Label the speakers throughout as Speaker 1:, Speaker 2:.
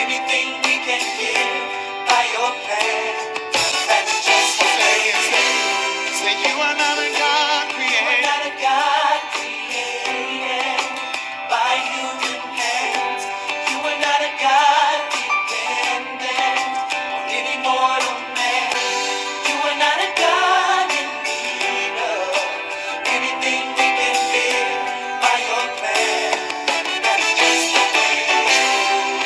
Speaker 1: everything we can give by your plan. That's just what it is. Say you are not a God created. You are not a God created by human hands. You are not a God dependent on any mortal man. You are not a God in need of anything we can live by your plan.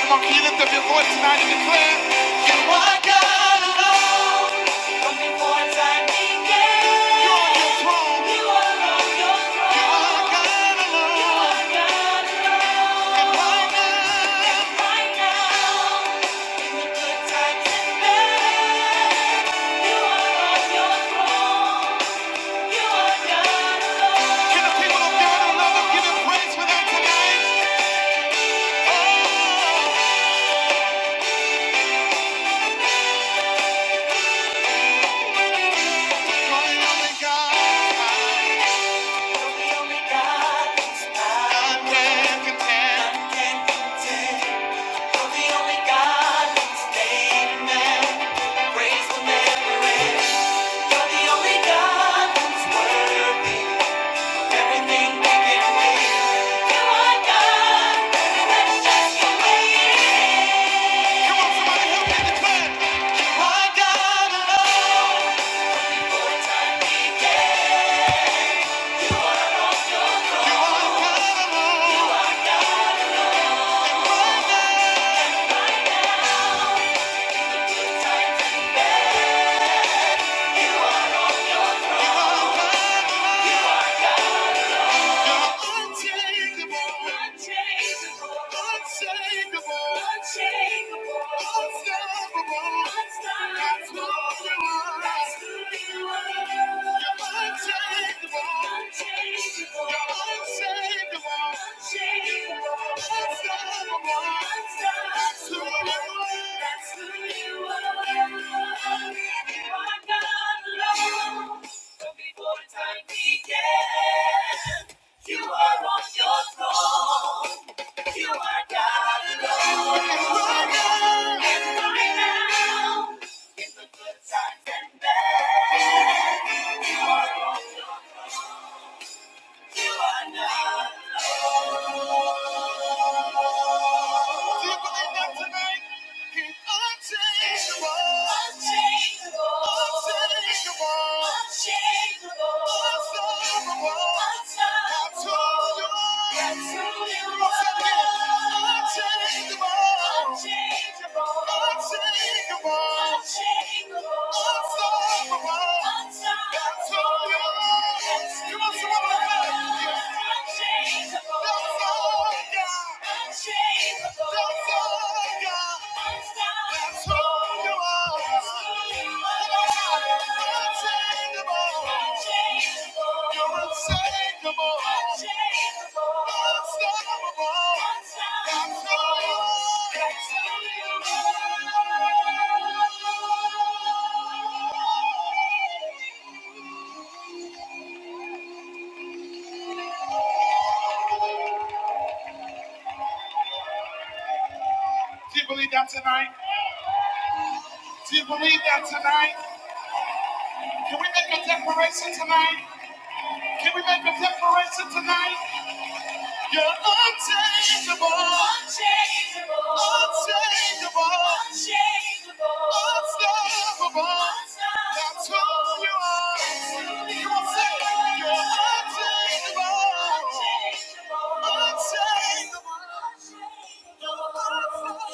Speaker 1: Come on, can you lift up your voice tonight and declare? You are God alone. From before time began. You're on your throne. You are on your throne. You are God alone. You are God alone. And right now. And right now. In the good times and bad. You are on your throne. You are God alone. Can the people of God alone give Him praise for that tonight? Oh. Yeah. You are God. Before time began. You are on your throne. You are God alone. And right now, in the good times and bad, you are on your throne. You are not alone. Do you believe that tonight? He's unchangeable. Unchangeable. Unchangeable. Unchangeable. Unstoppable. Unstoppable. That's who you are. That's who you are. Unchangeable. Unchangeable. Unchangeable. Unchangeable. Unstoppable. Unstoppable. That's who you are. That's who Come on, somebody, you must want to love. Unchangeable. Do you believe that tonight? Do you believe that tonight? Can we make a declaration tonight? Can we make a declaration tonight? You're unchangeable. Unchangeable. Unchangeable. Unchangeable. Unstoppable. That's who you are. you Come on, are. saying You're unchangeable. Unchangeable. Unchangeable. Unchangeable. Can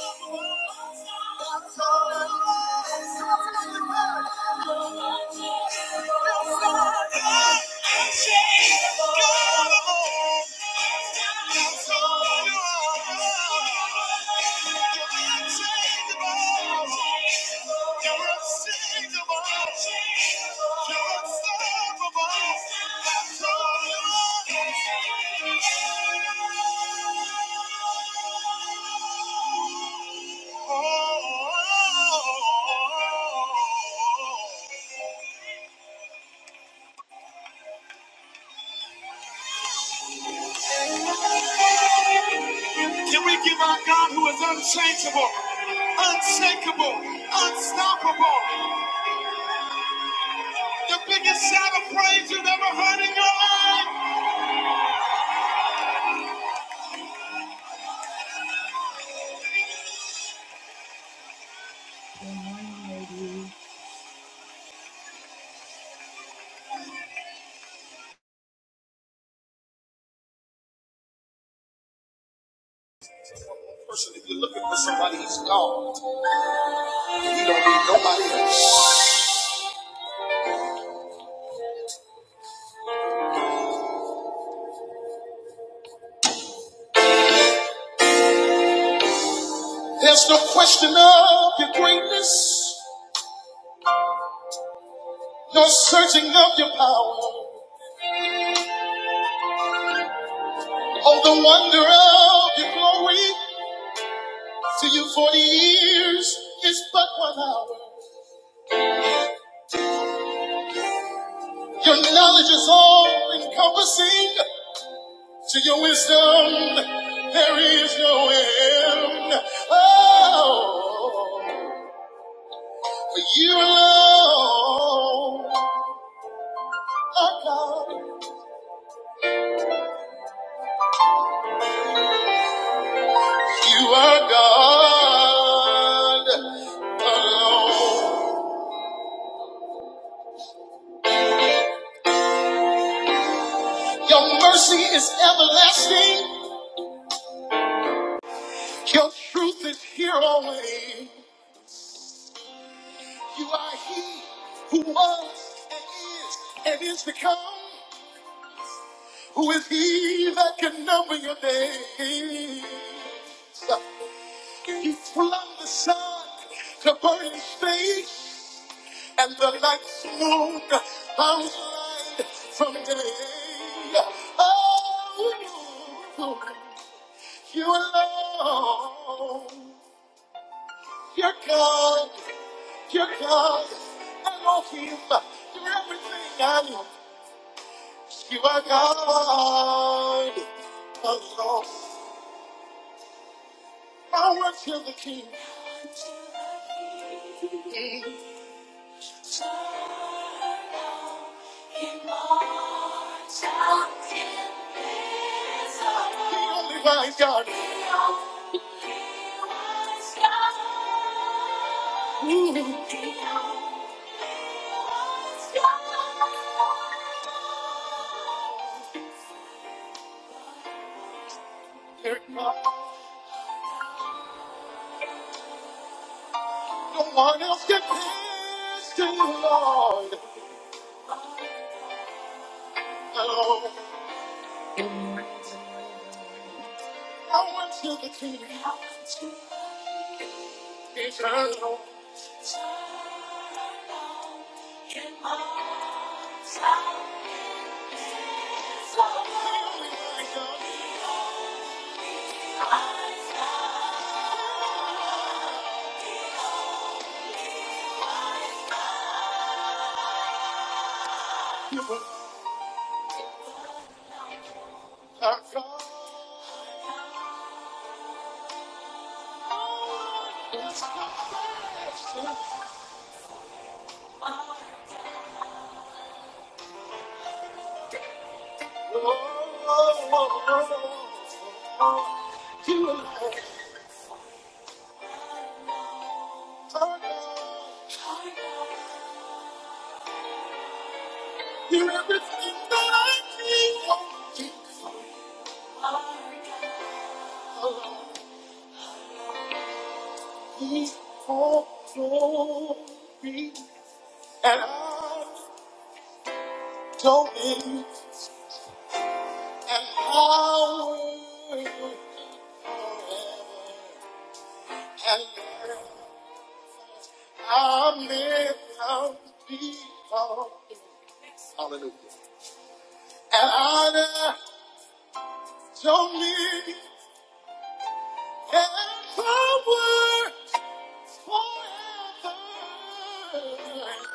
Speaker 1: we give our God who is unchangeable, unshakable, unstoppable, the biggest shout of praise you've ever heard in your life? person, if you're looking for somebody, he's gone. He don't need nobody else. There's no question of your greatness, no searching of your power. Oh, the wonder of your glory. To you, 40 years is but one hour. Your knowledge is all encompassing. To your wisdom, there is no end. Oh, for you alone are God. You are God alone. Your mercy is everlasting. Your truth is here always. You are He who was and is and is to come. Who is He that can number your days? He flung the sun to burn His face. and the lights moved. i moon blind from day. Oh, you alone, your God, your God, Elohim, you're everything I need. You are God alone. I worship the King. Wise God. No one else compares to the Lord. Oh, I went to the King, eternal. Turn around my time. So you will not come. Oh, oh, oh, oh, oh. You are everything that I need. Oh, Jesus. Oh, He's all glory. And I going and how we and I may come people. Hallelujah. And I honor dominion and power forever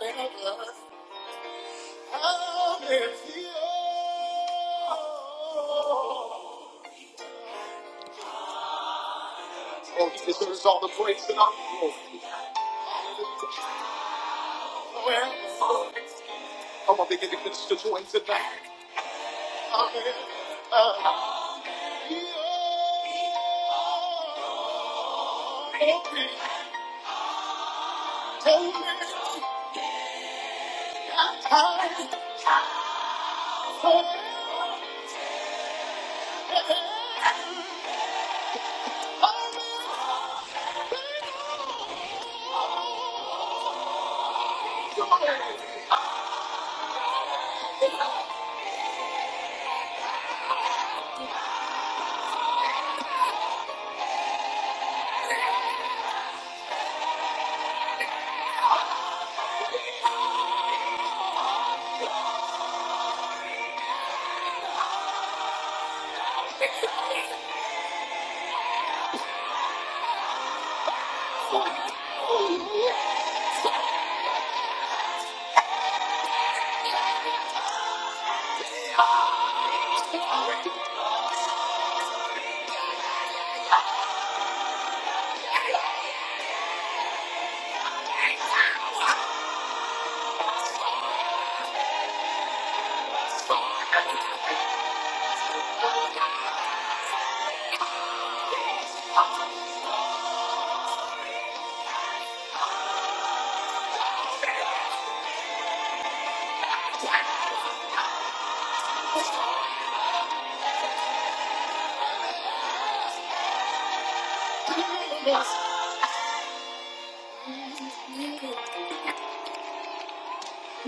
Speaker 1: and ever. Hallelujah. Oh, he deserves all the praise and all the glory. Forever. I'm gonna begin to minister to him tonight. Amen. Uh, yeah. Tell me, tell me, I pray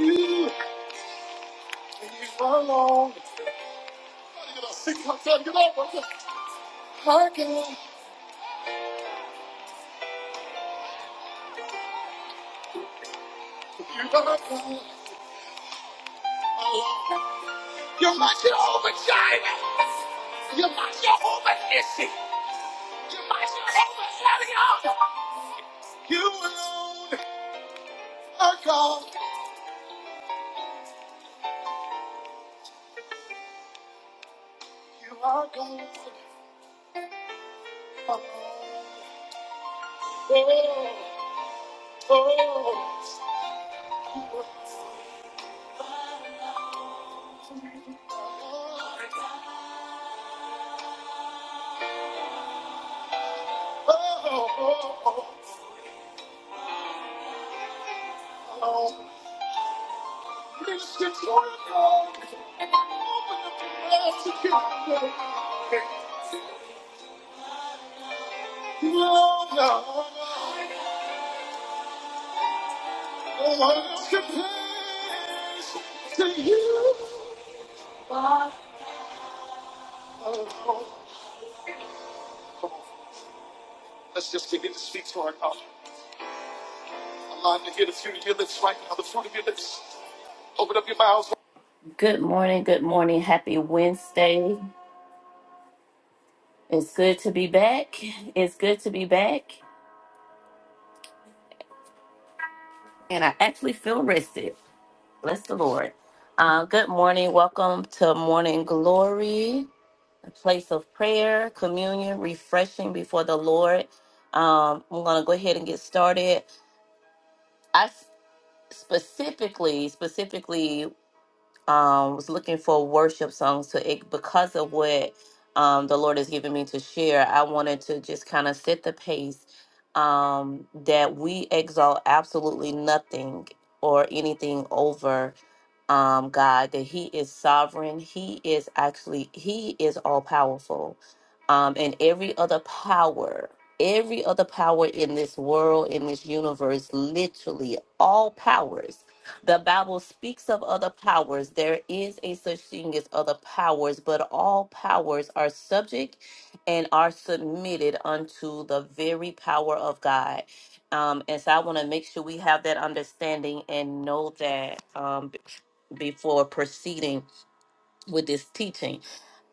Speaker 1: You alone You know, sing how time you know, brother. I can, you are God. Alone. You alone are God. You are God. Alone. Oh, oh, oh, oh, oh. oh. Minister to him. God. No, no, no one compares to you. my love. Let's just begin to speak to our God. Allow him to hear the fruit of your lips right now, the fruit of your lips. Open up your mouths. Good morning, good morning. Happy Wednesday. It's good to be back. It's good to be back. And I actually feel rested. Bless the Lord. Uh, good morning. Welcome to Morning Glory. a place of prayer, communion, refreshing before the Lord. Um, I'm gonna go ahead and get started. I s- specifically, specifically um, was looking for worship songs to it because of what um, the Lord has given me to share. I wanted to just kind of set the pace um, that we exalt absolutely nothing or anything over um, God, that He is sovereign. He is actually He is all powerful, um, and every other power. Every other power in this world, in this universe, literally all powers the Bible speaks of other powers. There is a such thing as other powers, but all powers are subject and are submitted unto the very power of God. Um, and so I want to make sure we have that understanding and know that um, b- before proceeding with this teaching.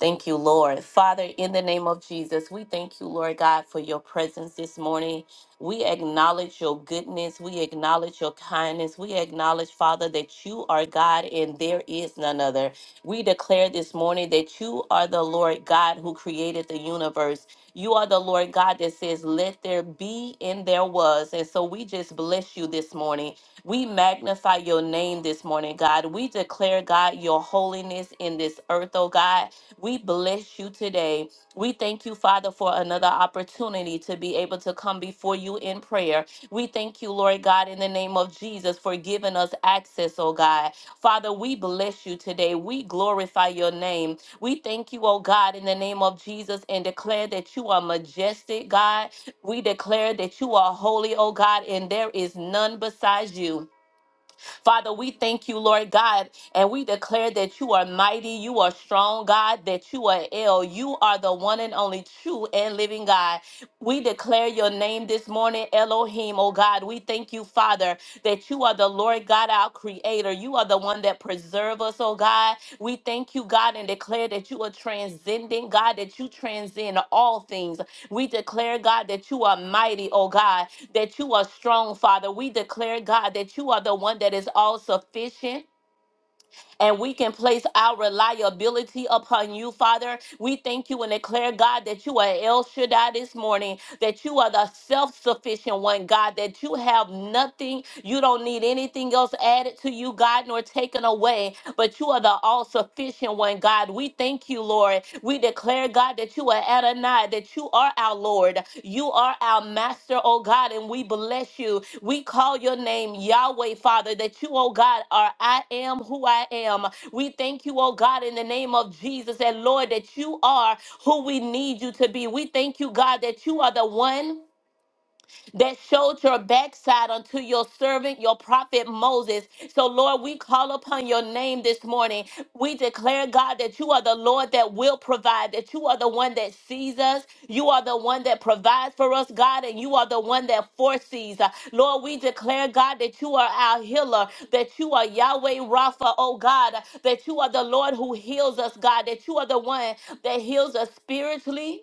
Speaker 1: Thank you, Lord. Father, in the name of Jesus, we thank you, Lord God, for your presence this morning. We acknowledge your goodness. We acknowledge your kindness. We acknowledge, Father, that you are God and there is none other. We declare this morning that you are the Lord God who created the universe. You are the Lord God that says, Let there be and there was. And so we just bless you this morning. We magnify your name this morning, God. We declare, God, your holiness in this earth, oh God. We bless you today. We thank you, Father, for another opportunity to be able to come before you in prayer. We thank you, Lord God, in the name of Jesus, for giving us access, oh God. Father, we bless you today. We glorify your name. We thank you, oh God, in the name of Jesus, and declare that you are majestic, God. We declare that you are holy, oh God, and there is none besides you. Father, we thank you, Lord God, and we declare that you are mighty, you are strong, God, that you are ill. You are the one and only true and living God. We declare your name this morning, Elohim, oh God. We thank you, Father, that you are the Lord God, our creator creator. You are the one that preserve us, oh God. We thank you, God, and declare that you are transcending, God, that you transcend all things. We declare, God, that you are mighty, oh God, that you are strong, Father. We declare, God, that you are the one that is all sufficient and we can place our reliability upon you, Father. We thank you and declare, God, that you are El Shaddai this morning, that you are the self sufficient one, God, that you have nothing, you don't need anything else added to you, God, nor taken away, but you are the all sufficient one, God. We thank you, Lord. We declare declare, God, that you are Adonai, that you are our Lord. You are our Master, oh God, and we bless you. We call your name Yahweh, Father, that you, oh God, are I am who I am. We thank you, oh God, in the name of Jesus, and Lord, that you are who we need you to be. We thank you, God, that you are the one that showed your backside unto your servant, your prophet Moses. So, Lord, we call upon your name this morning. We declare, God, that you are the Lord that will provide, that you are the one that sees us, you are the one that provides for us, God, and you are the one that foresees. Uh, Lord, we declare, God, that you are our healer, that you are Yahweh Rapha, oh God, that you are the Lord who heals us, God, that you are the one that heals us spiritually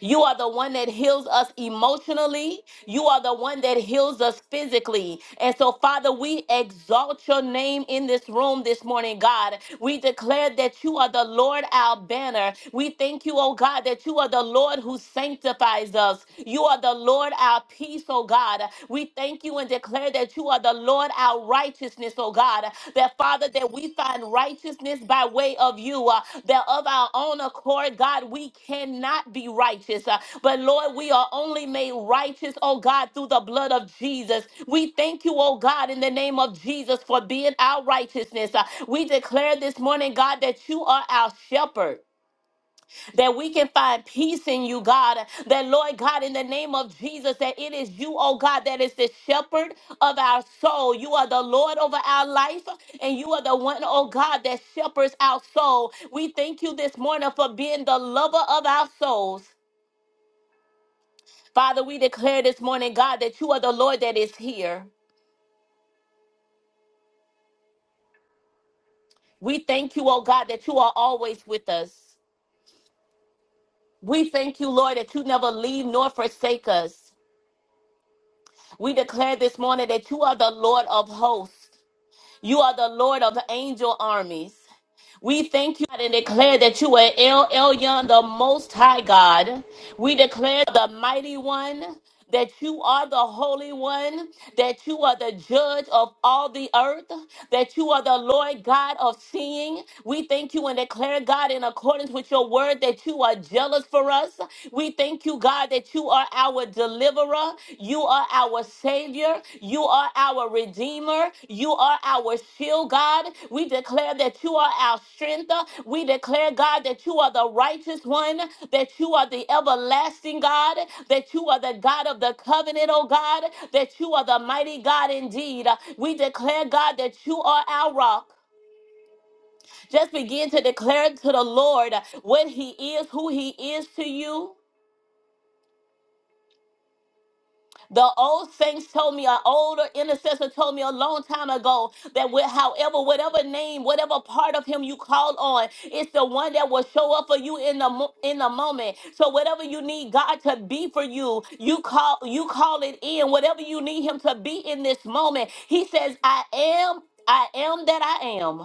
Speaker 1: you are the one that heals us emotionally. You are the one that heals us physically. And so, Father, we exalt your name in this room this morning, God. We declare that you are the Lord our banner. We thank you, oh God, that you are the Lord who sanctifies us. You are the Lord our peace, oh God. We thank you and declare that you are the Lord. Lord, our righteousness, oh God, that Father, that we find righteousness by way of you, uh, that of our own accord, God, we cannot be righteous. uh, but Lord, we are only made righteous, oh God, through the blood of Jesus. We thank you, oh God, in the name of Jesus for being our righteousness. Uh, we declare this morning, God, that you are our shepherd that we can find peace in you, God. That, Lord God, in the name of Jesus, that it is you, oh God, that is the shepherd of our soul. You are the Lord over our life, and you are the one, oh God, that shepherds our soul. We thank you this morning for being the lover of our souls. Father, we declare this morning, God, that you are the Lord that is here. We thank you, oh God, that you are always with us. We thank you, Lord, that you never leave nor forsake us. We declare this morning that you are the Lord of hosts. You are the Lord of the angel armies. We thank you and declare that you are El Elyon, the Most High God. We declare the Mighty One, that you are the Holy One, that you are the Judge of all the earth, that you are the Lord God of seeing. We thank you and declare, God, in accordance with your word, that you are jealous for us. We thank you, God, that you are our deliverer. You are our savior. You are our redeemer. You are our shield, God. We declare that you are our strength. We declare, God, that you are the righteous one, that you are the everlasting God, that you are the God of the covenant, oh God, that you are the mighty God indeed. We declare, God, that you are our rock. Just begin to declare to the Lord what he is, who he is to you. The old saints told me, an older intercessor told me a long time ago that with however, whatever name, whatever part of him you call on, it's the one that will show up for you in the mo- in the moment. So whatever you need God to be for you, you call you call it in. Whatever you need Him to be in this moment, He says, "I am." I am that I am.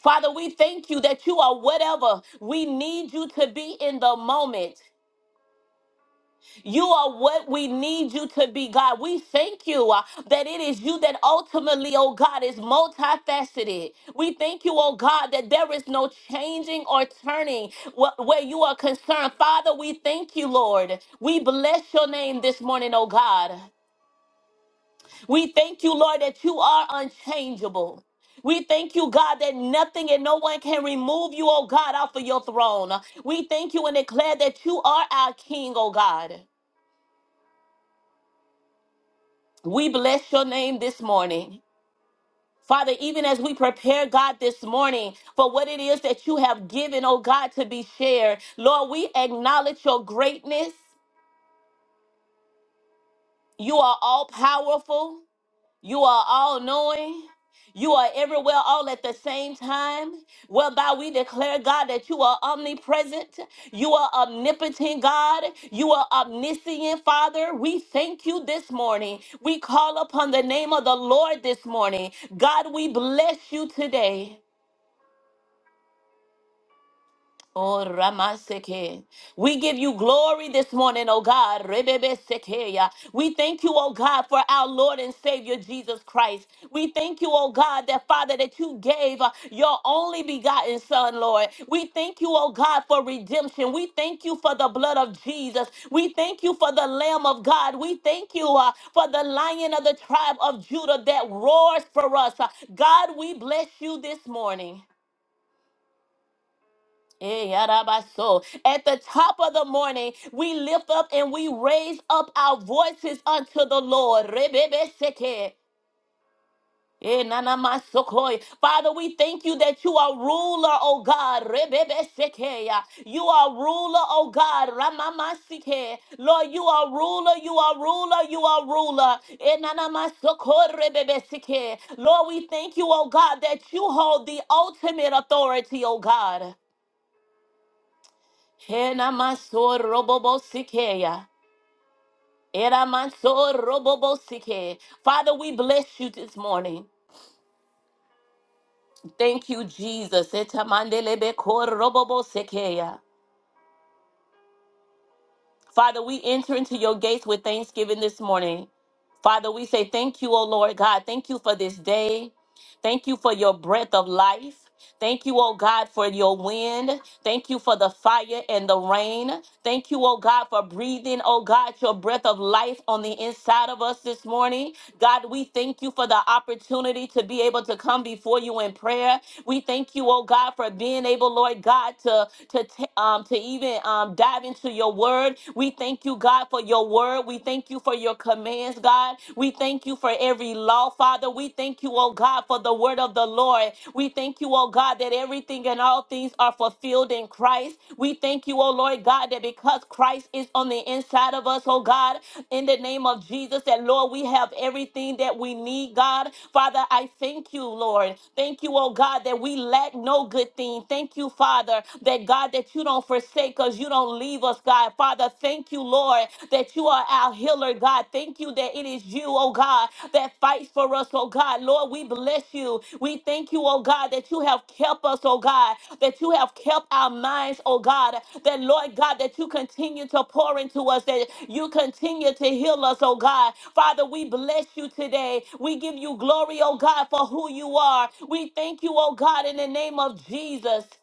Speaker 1: Father, we thank you that you are whatever we need you to be in the moment. You are what we need you to be, God. We thank you uh, that it is you that ultimately, oh God, is multifaceted. We thank you, oh God, that there is no changing or turning wh- where you are concerned. Father, we thank you, Lord. We bless your name this morning, oh God. We thank you, Lord, that you are unchangeable. We thank you, God, that nothing and no one can remove you, oh God, off of your throne. We thank you and declare that you are our King, oh God. We bless your name this morning. Father, even as we prepare, God, this morning for what it is that you have given, oh God, to be shared, Lord, we acknowledge your greatness. You are all powerful. You are all knowing. You are everywhere all at the same time, whereby we declare, God, that you are omnipresent. You are omnipotent, God. You are omniscient, Father. We thank you this morning. We call upon the name of the Lord this morning. God, we bless you today. Oh, Ramaseke. We give you glory this morning, oh God. Rebebesekeya. We thank you, oh God, for our Lord and Savior Jesus Christ. We thank you, oh God, that Father, that you gave uh, your only begotten Son, Lord. We thank you, oh God, for redemption. We thank you for the blood of Jesus. We thank you for the Lamb of God. We thank you uh, for the Lion of the tribe of Judah that roars for us. Uh, God, we bless you this morning. Eh, yarabaso. At the top of the morning, we lift up and we raise up our voices unto the Lord. Rebebeseke. Eh, nanamasokoi. Father, we thank you that you are ruler, O God. Rebebeseke, yeah. You are ruler, O God. Ramamasike. Lord, you are ruler, you are ruler, you are ruler. Eh, nanamasokoi, rebebeseke. Lord, we thank you, O God, that you hold the ultimate authority, O God. Hena maso robobo sikeya. Era maso robobo sike. Father, we bless you this morning. Thank you, Jesus. Eta mandelebe kor robobo sikeya. Father, we enter into your gates with thanksgiving this morning. Father, we say thank you, O Lord God. Thank you for this day. Thank you for your breath of life. Thank you, oh God, for your wind. Thank you for the fire and the rain. Thank you, oh God, for breathing, oh God, your breath of life on the inside of us this morning. God, we thank you for the opportunity to be able to come before you in prayer. We thank you, oh God, for being able, Lord God, to to t- um to even um dive into your word. We thank you, God, for your word. We thank you for your commands, God lives, God. We thank you for every law, Father. We thank you, oh God, for the word of the Lord. We thank you, oh God, that everything and all things are fulfilled in Christ. We thank you, oh Lord God, that because Christ is on the inside of us, oh God, in the name of Jesus, that Lord, we have everything that we need, God. Father, I thank you, Lord. Thank you, oh God, that we lack no good thing. Thank you, Father, that God, that you don't forsake us, you don't leave us, God. God. Father, thank you, Lord, that you are our healer, God. Thank you that it is you, oh God, that fights for us, oh God. Lord, we bless you. We thank you, oh God, that you have kept us, oh God, that you have kept our minds, oh God, that Lord God, that you continue to pour into us, that you continue to heal us, oh God. Father, we bless you today. We give you glory, oh God, for who you are. We thank you, oh God, in the name of Jesus.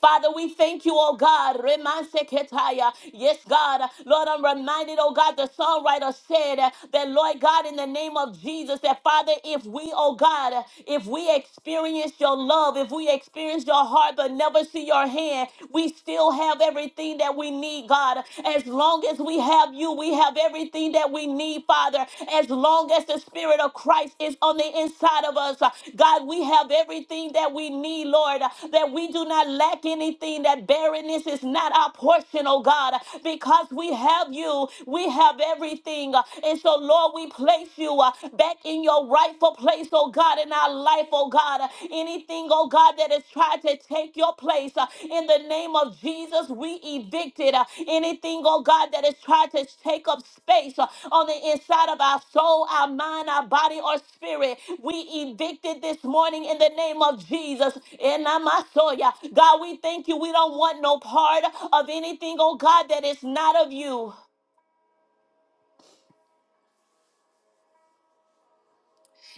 Speaker 1: Father, we thank you, oh God. Remanseketaya. Yes, God. Lord, I'm reminded, oh God, the songwriter said uh, that, Lord God, in the name of Jesus, that Father, if we, oh God, uh, if we experience your love, if we experience your heart, but never see your hand, we still have everything that we need, God. As long as we have you, we have everything that we need need, Father, as long as the Spirit of Christ is on the inside of us. Uh, God, we have everything that we need, Lord, uh, that we do not lack anything, that barrenness is not our portion, oh God, uh, because we have you, we have everything. Uh, And so, Lord, we place you uh, back in your rightful place, oh God, in our life, oh God. Uh, Anything, oh God God, that has tried to take your place. Uh, in the name of Jesus, we evicted uh, anything, oh God, that has tried to take up space uh, on the inside of our soul, our mind, our body, or spirit. We evicted this morning in the name of Jesus. In Namasoya. God, we thank you. We don't want no part of anything, oh God, that is not of you.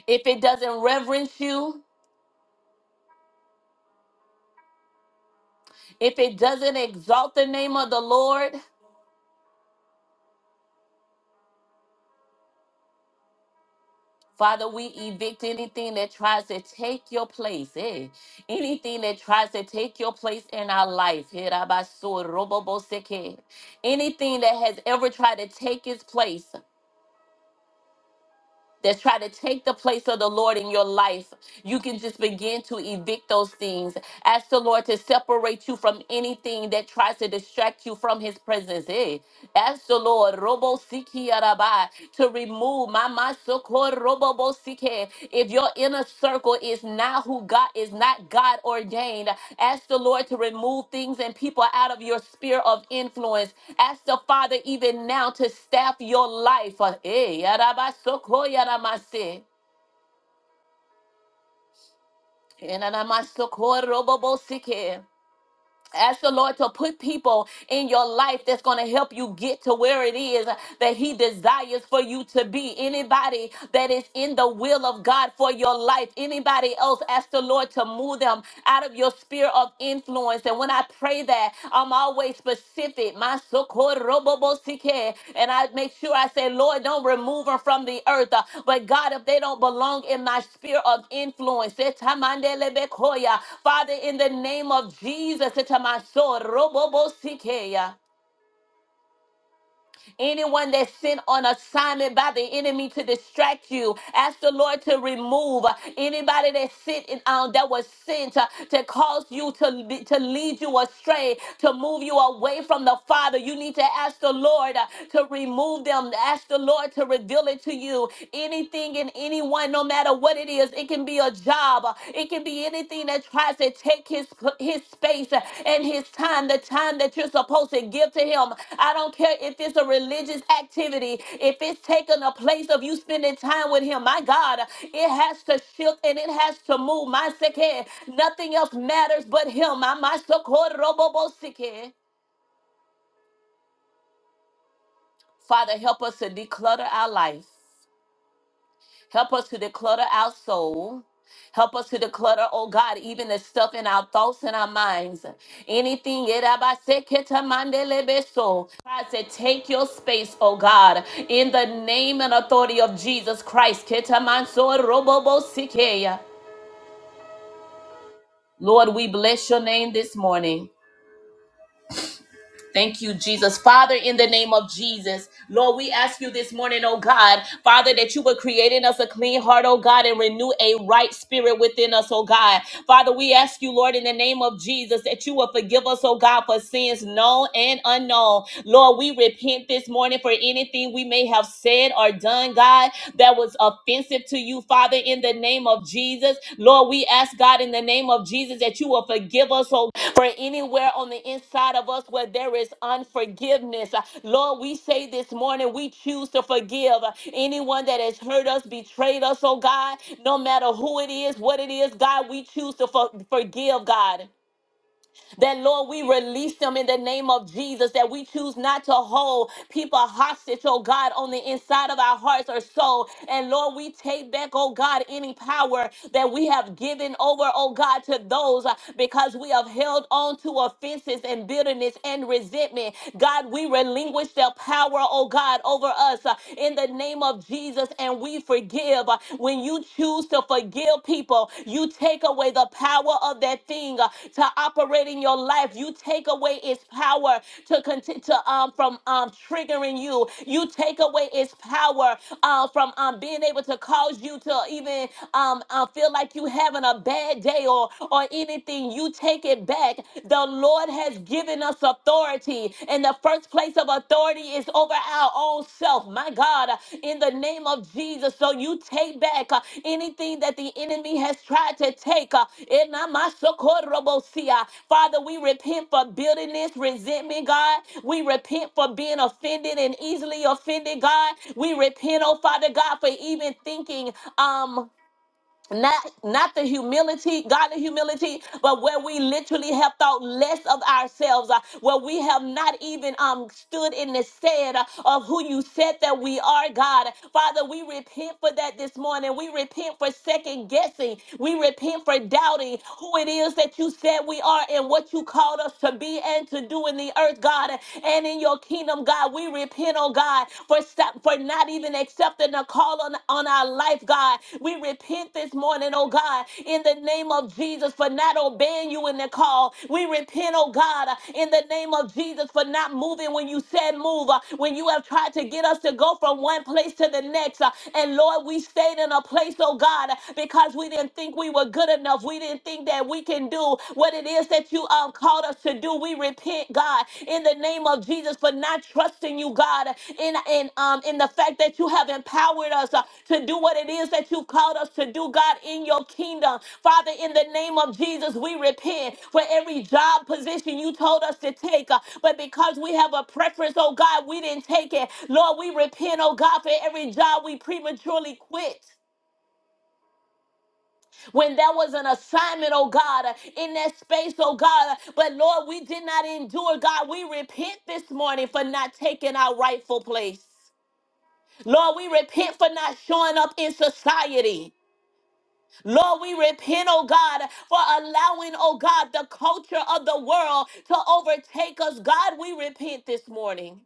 Speaker 1: If it doesn't reverence you, if it doesn't exalt the name of the Lord, Father, we evict anything that tries to take your place, eh? Anything that tries to take your place in our life. eh, rabaso, roboboseke. Anything that has ever tried to take its place, that's tried to take the place of the Lord in your life, you can just begin to evict those things. Ask the Lord to separate you from anything that tries to distract you from his presence. Eh? Ask the Lord, Robo Siki Arabai, to remove my if your inner circle is not who God is not God ordained, ask the Lord to remove things and people out of your sphere of influence. Ask the Father even now to staff your life. Uh, eh, yarabasoko yaramase, enanamasoko robobosike. Ask the Lord to put people in your life that's going to help you get to where it is that He desires for you to be. Anybody that is in the will of God for your life, anybody else, ask the Lord to move them out of your sphere of influence. And when I pray that, I'm. I'm always specific. My socorrobobosike. And I make sure I say, Lord, don't remove them from the earth. Uh, But God, if they don't belong in my sphere of influence, etamandelebekoi. Father, in the name of Jesus, etamasorobobosike. Anyone that's sent on assignment by the enemy to distract you, ask the Lord to remove anybody that sent in, um, that was sent uh, to cause you to be- to lead you astray, to move you away from the Father. You need to ask the Lord uh, to remove them. Ask the Lord to reveal it to you. Anything and anyone, no matter what it is, it can be be a job. It can be anything that tries to take his his space and his time, the time that you're supposed to give to him. I don't care if it's a religious activity, if it's taking a place of you spending time with him. My God, it has to shift and it has to move. My second, nothing else matters but him. My my socorro, bo- bo- sick. Father, help us to declutter our life. Help us to declutter our soul. Help us to declutter, oh God, even the stuff in our thoughts and our minds. Anything yerabaseketamandelebe-so. God said, take your space, oh God, in the name and authority of Jesus Christ. Ketamansorobobosikeya. Lord, we bless your name this morning. Thank you, Jesus. Father, in the name of Jesus, Lord, we ask you this morning, oh God, Father, that you would create in us a clean heart, oh God, and renew a right spirit within us, oh God. Father, we ask you, Lord, in the name of Jesus, that you will forgive us, oh God, for sins known and unknown. Lord, we repent this morning for anything we may have said or done, God, that was was offensive to you, Father, in the name of Jesus. Lord, we ask God in the name of Jesus that you will forgive us, oh, for anywhere on the inside of us where there is unforgiveness. Uh, Lord, we say this morning we choose to forgive uh, anyone that has hurt us, betrayed us, oh God, no matter who it is, what it is, God, we choose to for- forgive, God. That, Lord, we release them in the name of Jesus, that we choose not to hold people hostage, oh God, on the inside of our hearts or soul. And, Lord, we take back, oh God, any power that we have given over, oh God, to those uh, because we have held on to offenses and bitterness and resentment. God, we relinquish their power, oh God, over us uh, in the name of Jesus, and we forgive forgive, uh, when you choose to forgive people, you take away the power of that thing uh, to operate in your life. You take away its power to continue to um from um triggering you. You take away its power uh, from um being able to cause you to even um uh, feel like you having a bad day or or anything. You take it back. The Lord has given us us authority. And the first place of authority is over our own self. My God, uh, in the name of Jesus. So you take back uh, anything that the enemy has tried to take. uh, in my- my sokorobosia. Father, we repent for bitterness, resentment, God. We repent for being offended and easily offended, God. We repent, oh Father God, for even thinking, um, not not the humility god the humility but where we literally have thought less of ourselves uh, where we have not even um stood in the stead uh, of who you said that we are god father we repent for that this morning we repent for second guessing we repent for doubting who it is that you said we are and what you called us to be and to do in the earth god and in your kingdom god we repent oh oh God, for stop for not even accepting a call on, on our life, God. We repent this morning, oh God, in the name of Jesus for not obeying you in the call. We repent, oh God, uh, in the name of Jesus for not moving when you said move, uh, when you have tried to get us to go from one place to the next. uh, And Lord, we stayed in a place, oh God, uh, because we didn't think we were good enough. We didn't think that we can do what it is that things that you um, called us to do. We repent, God, in the name of Jesus, for not trusting you, God, in in um in the fact that you have empowered us uh, to do what it is that you've called us to do, God, in your kingdom. Father, in the name of Jesus, we repent for every job position you told us to take, uh, but because we have a preference, oh God, we didn't take it. Lord, we repent, oh God, for every job we prematurely quit when there was an assignment, oh God, uh, in that space, oh God. uh, But Lord, we did not endure, God. We repent this morning for not taking our rightful place. Lord, we repent for not showing up in society. Lord, we repent, oh God, for allowing, oh God, the culture of the world to overtake us. God, we repent this morning.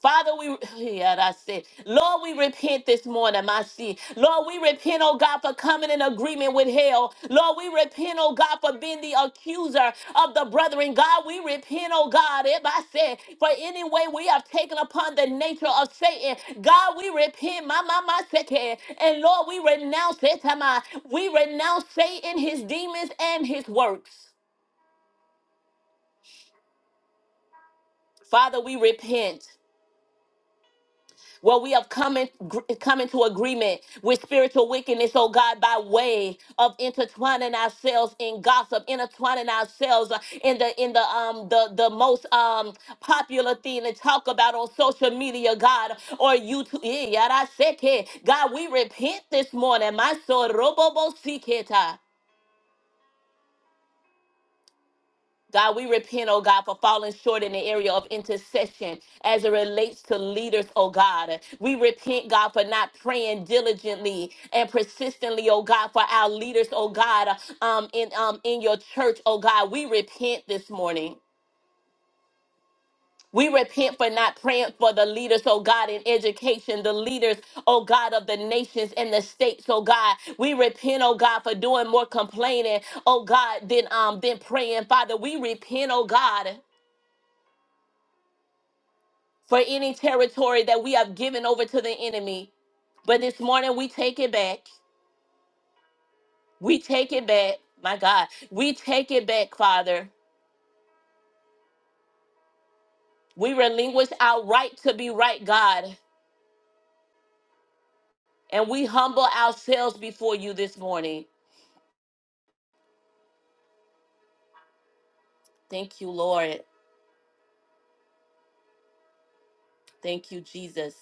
Speaker 1: Father, we yeah, that's it. Lord, we repent this morning, my sin. Lord, we repent, oh God, for coming in agreement with hell. Lord, we repent, oh God, for being the accuser of the brethren. God, we repent, oh God, if I said, for any way we have taken upon the nature of Satan. God, we repent, my my my second. And Lord, we renounce it. am I? We renounce Satan, his demons, and his works. Father, we repent. Well, we have come, in, gr- come into agreement with spiritual wickedness, oh God, by way of intertwining ourselves in gossip, intertwining ourselves uh, in the in the um the the most um popular thing to talk about on social media, God, or YouTube. Eh, yada seke. God, we repent this morning. My soul, robo bo siketa. God, we repent, oh God, for falling short in the area of intercession as it relates to leaders, oh God. We repent, God, for not praying diligently and persistently, oh God, for our leaders, oh God, um, in um in your church, oh God. We repent this morning. We repent for not praying for the leaders, oh God, in education, the leaders, oh God, of the nations and the states, oh God. We repent, oh God, for doing more complaining, oh God, than um than praying. Father, we repent, oh God. for any territory that we have given over to the enemy. But this morning we take it back. We take it back. My God, we take it back, Father. We relinquish our right to be right, God, and we humble ourselves before you this morning. Thank you, Lord. Thank you, Jesus.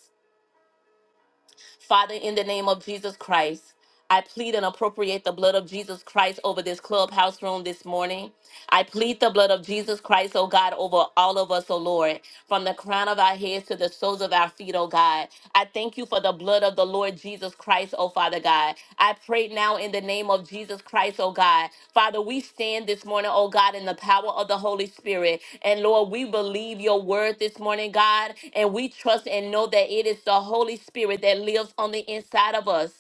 Speaker 1: Father, in the name of Jesus Christ, I plead and appropriate the blood of Jesus Christ over this clubhouse room this morning. I plead the blood of Jesus Christ, oh God, over all of us, oh Lord, from the crown of our heads to the soles of our feet, oh God. I thank you for the blood of the Lord Jesus. Christ, oh Father God. I pray now in the name of Jesus Christ, oh God. Father, we stand this morning, oh God, in the power of the Holy Spirit. And Lord, we believe your word this morning, God, and we trust and know that it is the Holy Spirit that lives on the inside of us.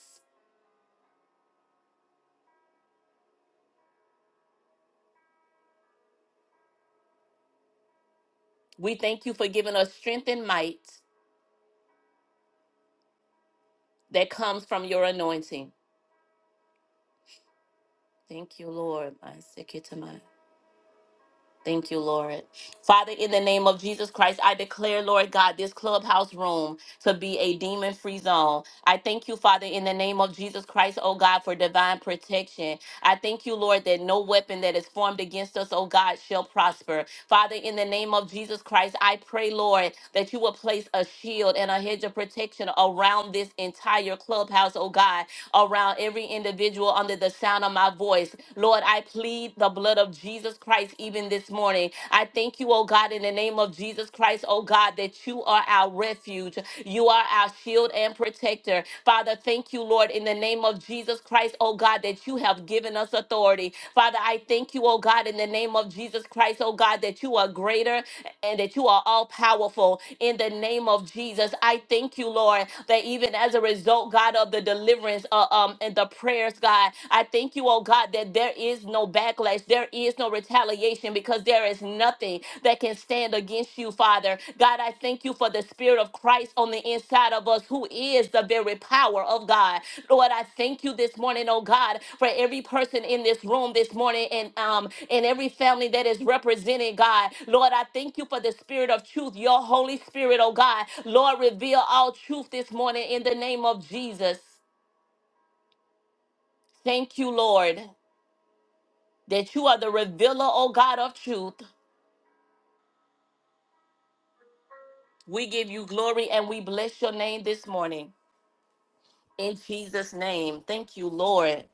Speaker 1: We thank you for giving us strength and might that comes from your anointing. Thank you, Lord. Thank you, Lord. Father, in the name of Jesus Christ, I declare, Lord God, this clubhouse room to be a demon free zone. I thank you, Father, in the name of Jesus Christ, oh God, for divine protection. I thank you, Lord, that no weapon that is formed against us, oh God, shall prosper. Father, in the name of Jesus Christ, I pray, Lord, that you will place a shield and a hedge of protection around this entire clubhouse, oh God, around every individual under the sound of my voice. Lord, I plead plead the blood of Jesus Christ even this morning. I thank you, oh God, in the name of Jesus Christ, oh God, that you are our refuge. You are our shield and protector. Father, thank you, Lord, in the name of Jesus Christ, oh God, that you have given us authority. Father, I thank you, oh God, in the name of Jesus Christ, oh God, that you are greater and that you are all powerful in the name of Jesus. I thank you, Lord, that even as a result, God, of the deliverance uh, um, and the prayers, God. I thank you, oh God, that there is no backlash, there is no retaliation because there is nothing that can stand against you, Father. God, I thank you for the Spirit of Christ on the inside of us, who is the very power of God. Lord, I thank you this morning, oh God, for every person in this room this morning and um and every family that is represented, God. Lord, I thank you for the Spirit of truth, your Holy Spirit, oh God. Lord, reveal all truth this morning in the name of Jesus. Thank you, Lord. that you are the revealer, O God of truth. We give you glory and we bless your name this morning. In Jesus' name. Thank you, Lord.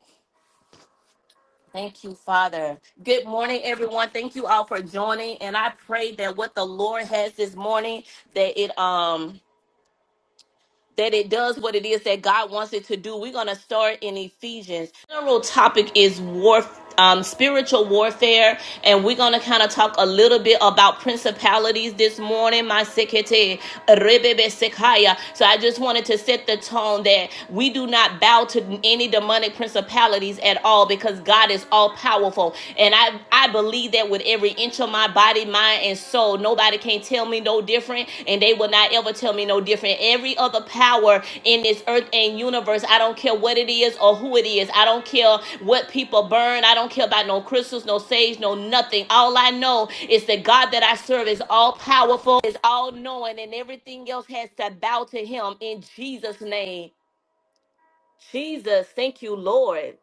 Speaker 1: Thank you, Father. Good morning, everyone. Thank you all for joining. And I pray that what the Lord has this morning, that it um that it does what it is that God wants it to do. We're going to start in Ephesians. General topic is war, um, spiritual warfare, and we're going to kind of talk a little bit about principalities this morning. My sekete, rebebe sekaya. So I just wanted to set the tone that we do not bow to any demonic principalities at all because God is all powerful, and I I believe that that with every inch of my body, mind, and soul. Nobody can tell me no different, and they will not ever tell me no different. Every other power in this earth and universe, I don't care what it is or who it is. I don't care what people burn. I don't care about no crystals, no sage, no nothing. All I know is that God that I serve is all powerful, is all knowing, and everything else has to bow to Him in Jesus' name. Jesus, thank you, Lord.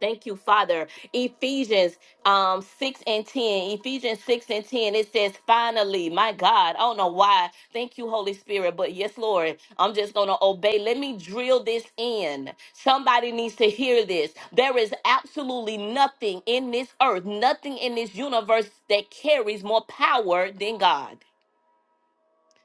Speaker 1: Thank you, Father. Ephesians um, 6 and 10. Ephesians 6 and 10. It says, finally, my God. I don't know why. Thank you, Holy Spirit. But yes, Lord, I'm just going to obey. Let me drill this in. Somebody needs to hear this. There is absolutely nothing in this earth, nothing in this universe that carries more power than God.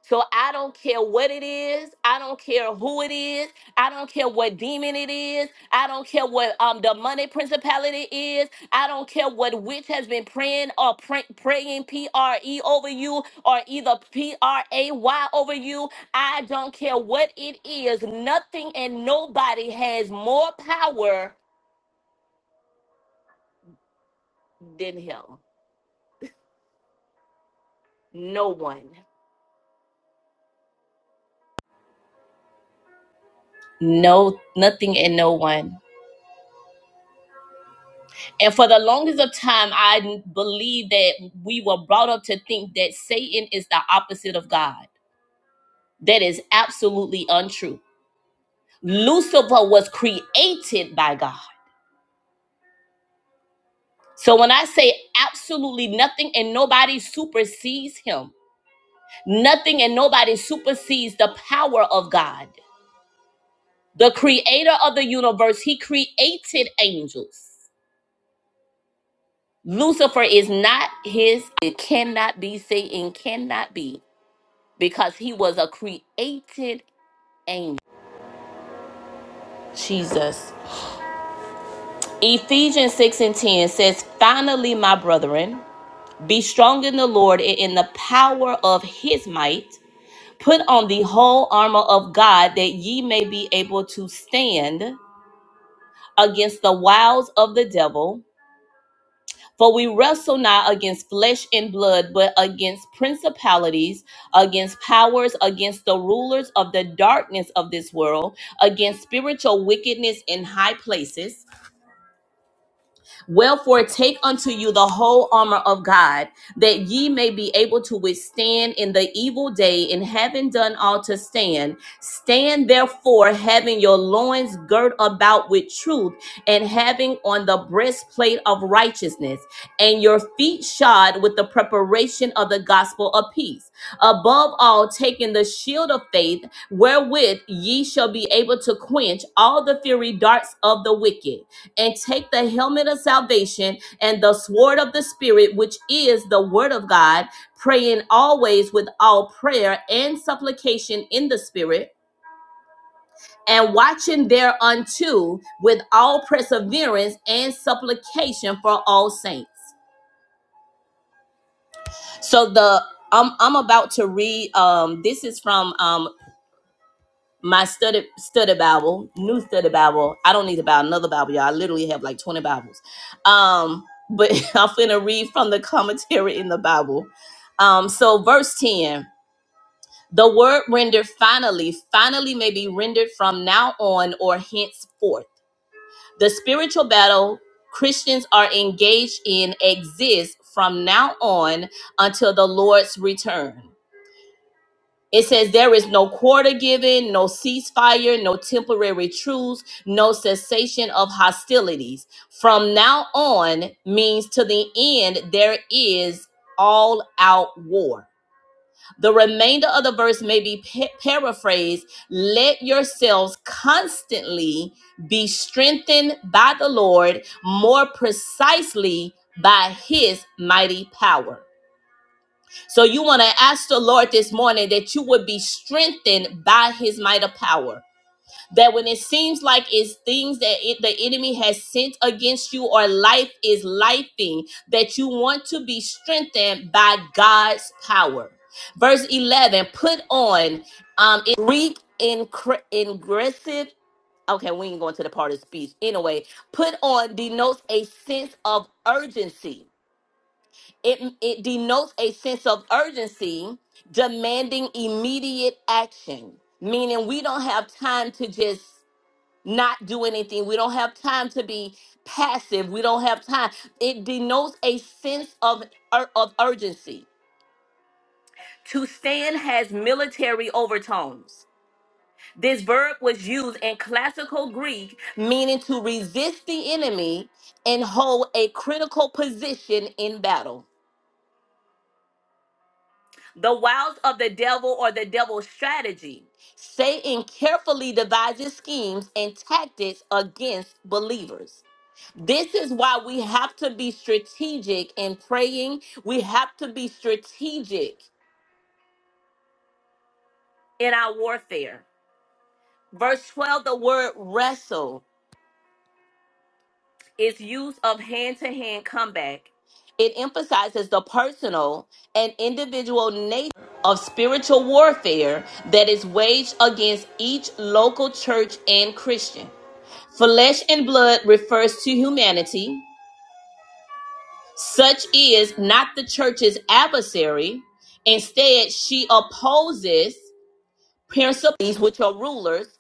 Speaker 1: So I don't care what it is. I don't care who it is. I don't care what demon it is. I don't care what um the money principality is. I don't care what witch has been praying or pray, praying P R E over you or either P R A Y over you. I don't care what it is. Nothing and nobody has more power than him. No one. No, nothing and no one. And for the longest of time, I believe that we were brought up to think that Satan is the opposite of God. That is absolutely untrue. Lucifer was created by God. So when I say absolutely nothing and nobody supersedes him, nothing and nobody supersedes the power of God. The creator of the universe, he created angels. Lucifer is not his, it cannot be, Satan cannot be. because he was a created angel. Jesus. Ephesians 6 and 10 says, Finally, my brethren, be strong in the Lord and in the power of his might. Put on the whole armor of God that ye may be able to stand against the wiles of the devil. For we wrestle not against flesh and blood, but against principalities, against powers, against the rulers of the darkness of this world, against spiritual wickedness in high places. Wherefore, take unto you the whole armor of God, that ye may be able to withstand in the evil day, and having done all to stand. Stand therefore, having your loins girt about with truth, and having on the breastplate of righteousness, and your feet shod with the preparation of the gospel of peace. Above all, taking the shield of faith, wherewith ye shall be able to quench all the fiery darts of the wicked and take the helmet of salvation and the sword of the Spirit, which is the word of God, praying always with all prayer and supplication in the Spirit. And watching thereunto with all perseverance and supplication for all saints. So the I'm I'm about to read. Um, this is from um my study study Bible, new study Bible. I don't need to buy another Bible, y'all. I literally have like 20 Bibles. Um, but I'm finna read from the commentary in the Bible. Um, so verse 10. The word rendered finally, finally may be rendered from now on or henceforth. The spiritual battle Christians are engaged in exists from now on until the Lord's return. It says there is no quarter given, no ceasefire, no temporary truce, no cessation of hostilities. From now on means to the end, there is all out war. The remainder of the verse may be pa- paraphrased Let yourselves constantly be strengthened by the Lord, more precisely by his mighty power. So you want to ask the Lord this morning that you would be strengthened by his might of power. That when it seems like it's things that it, the enemy has sent against you or life is lifing, that you want to be strengthened by God's power. Verse 11, put on um in Greek incre- ingressive okay, we ain't going to the part of speech. Anyway, put on denotes a sense of urgency it, it denotes a sense of urgency demanding immediate action, meaning we don't have time to just not do anything. We don't have time to be passive. We don't have time. It denotes a sense of, ur- of urgency. To stand has military overtones. This verb was used in classical Greek, meaning to resist the enemy and hold a critical position in battle. the wiles of the devil or the devil's strategy. Satan carefully devises schemes and tactics against believers. This is why we have to be strategic in praying. We have to be strategic in our warfare. Verse 12, the word wrestle. its use of hand to hand comeback. It emphasizes the personal and individual nature of spiritual warfare that is waged against each local church and Christian. Flesh and blood refers to humanity. Such is not the church's adversary. Instead, she opposes principalities, which are rulers,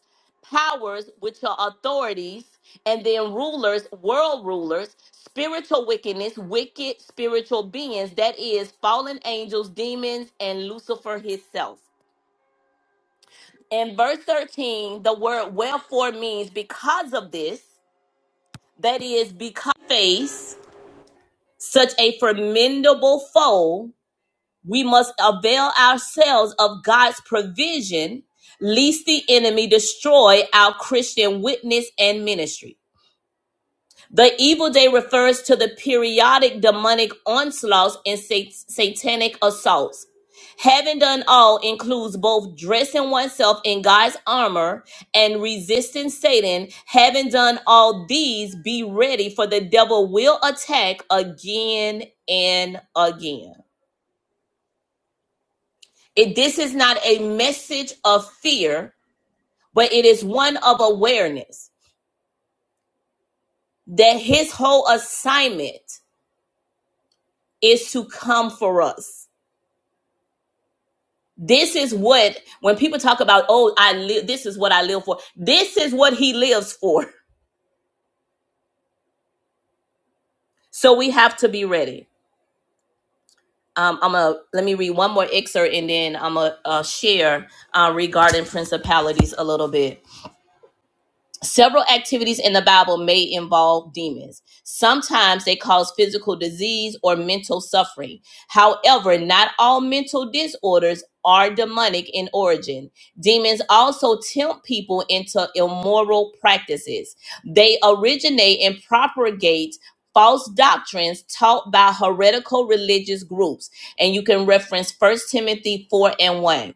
Speaker 1: powers, which are authorities, and then rulers, world rulers, spiritual wickedness, wicked spiritual beings, that is, fallen angels, demons, and Lucifer himself. In verse 13, the word wherefore means because of this, that is, because face such a formidable foe We must avail ourselves of God's provision, lest the enemy destroy our Christian witness and ministry. The evil day refers to the periodic demonic onslaughts and sat- satanic assaults. Having done all includes both dressing oneself in God's armor and resisting Satan. Having done all these, be ready for the devil will attack again and again. It, this is not a message of fear, but it is one of awareness that his whole assignment is to come for us. This is what when people talk about, oh, I live. This is what I live for. This is what he lives for. So we have to be ready. Um, I'm gonna let me read one more excerpt and then I'm gonna uh, share uh, regarding principalities a little bit. Several activities in the Bible may involve demons. Sometimes they cause physical disease or mental suffering. However, not all mental disorders are demonic in origin. Demons also tempt people into immoral practices. They originate and propagate false doctrines taught by heretical religious groups. And you can reference First Timothy 4 and 1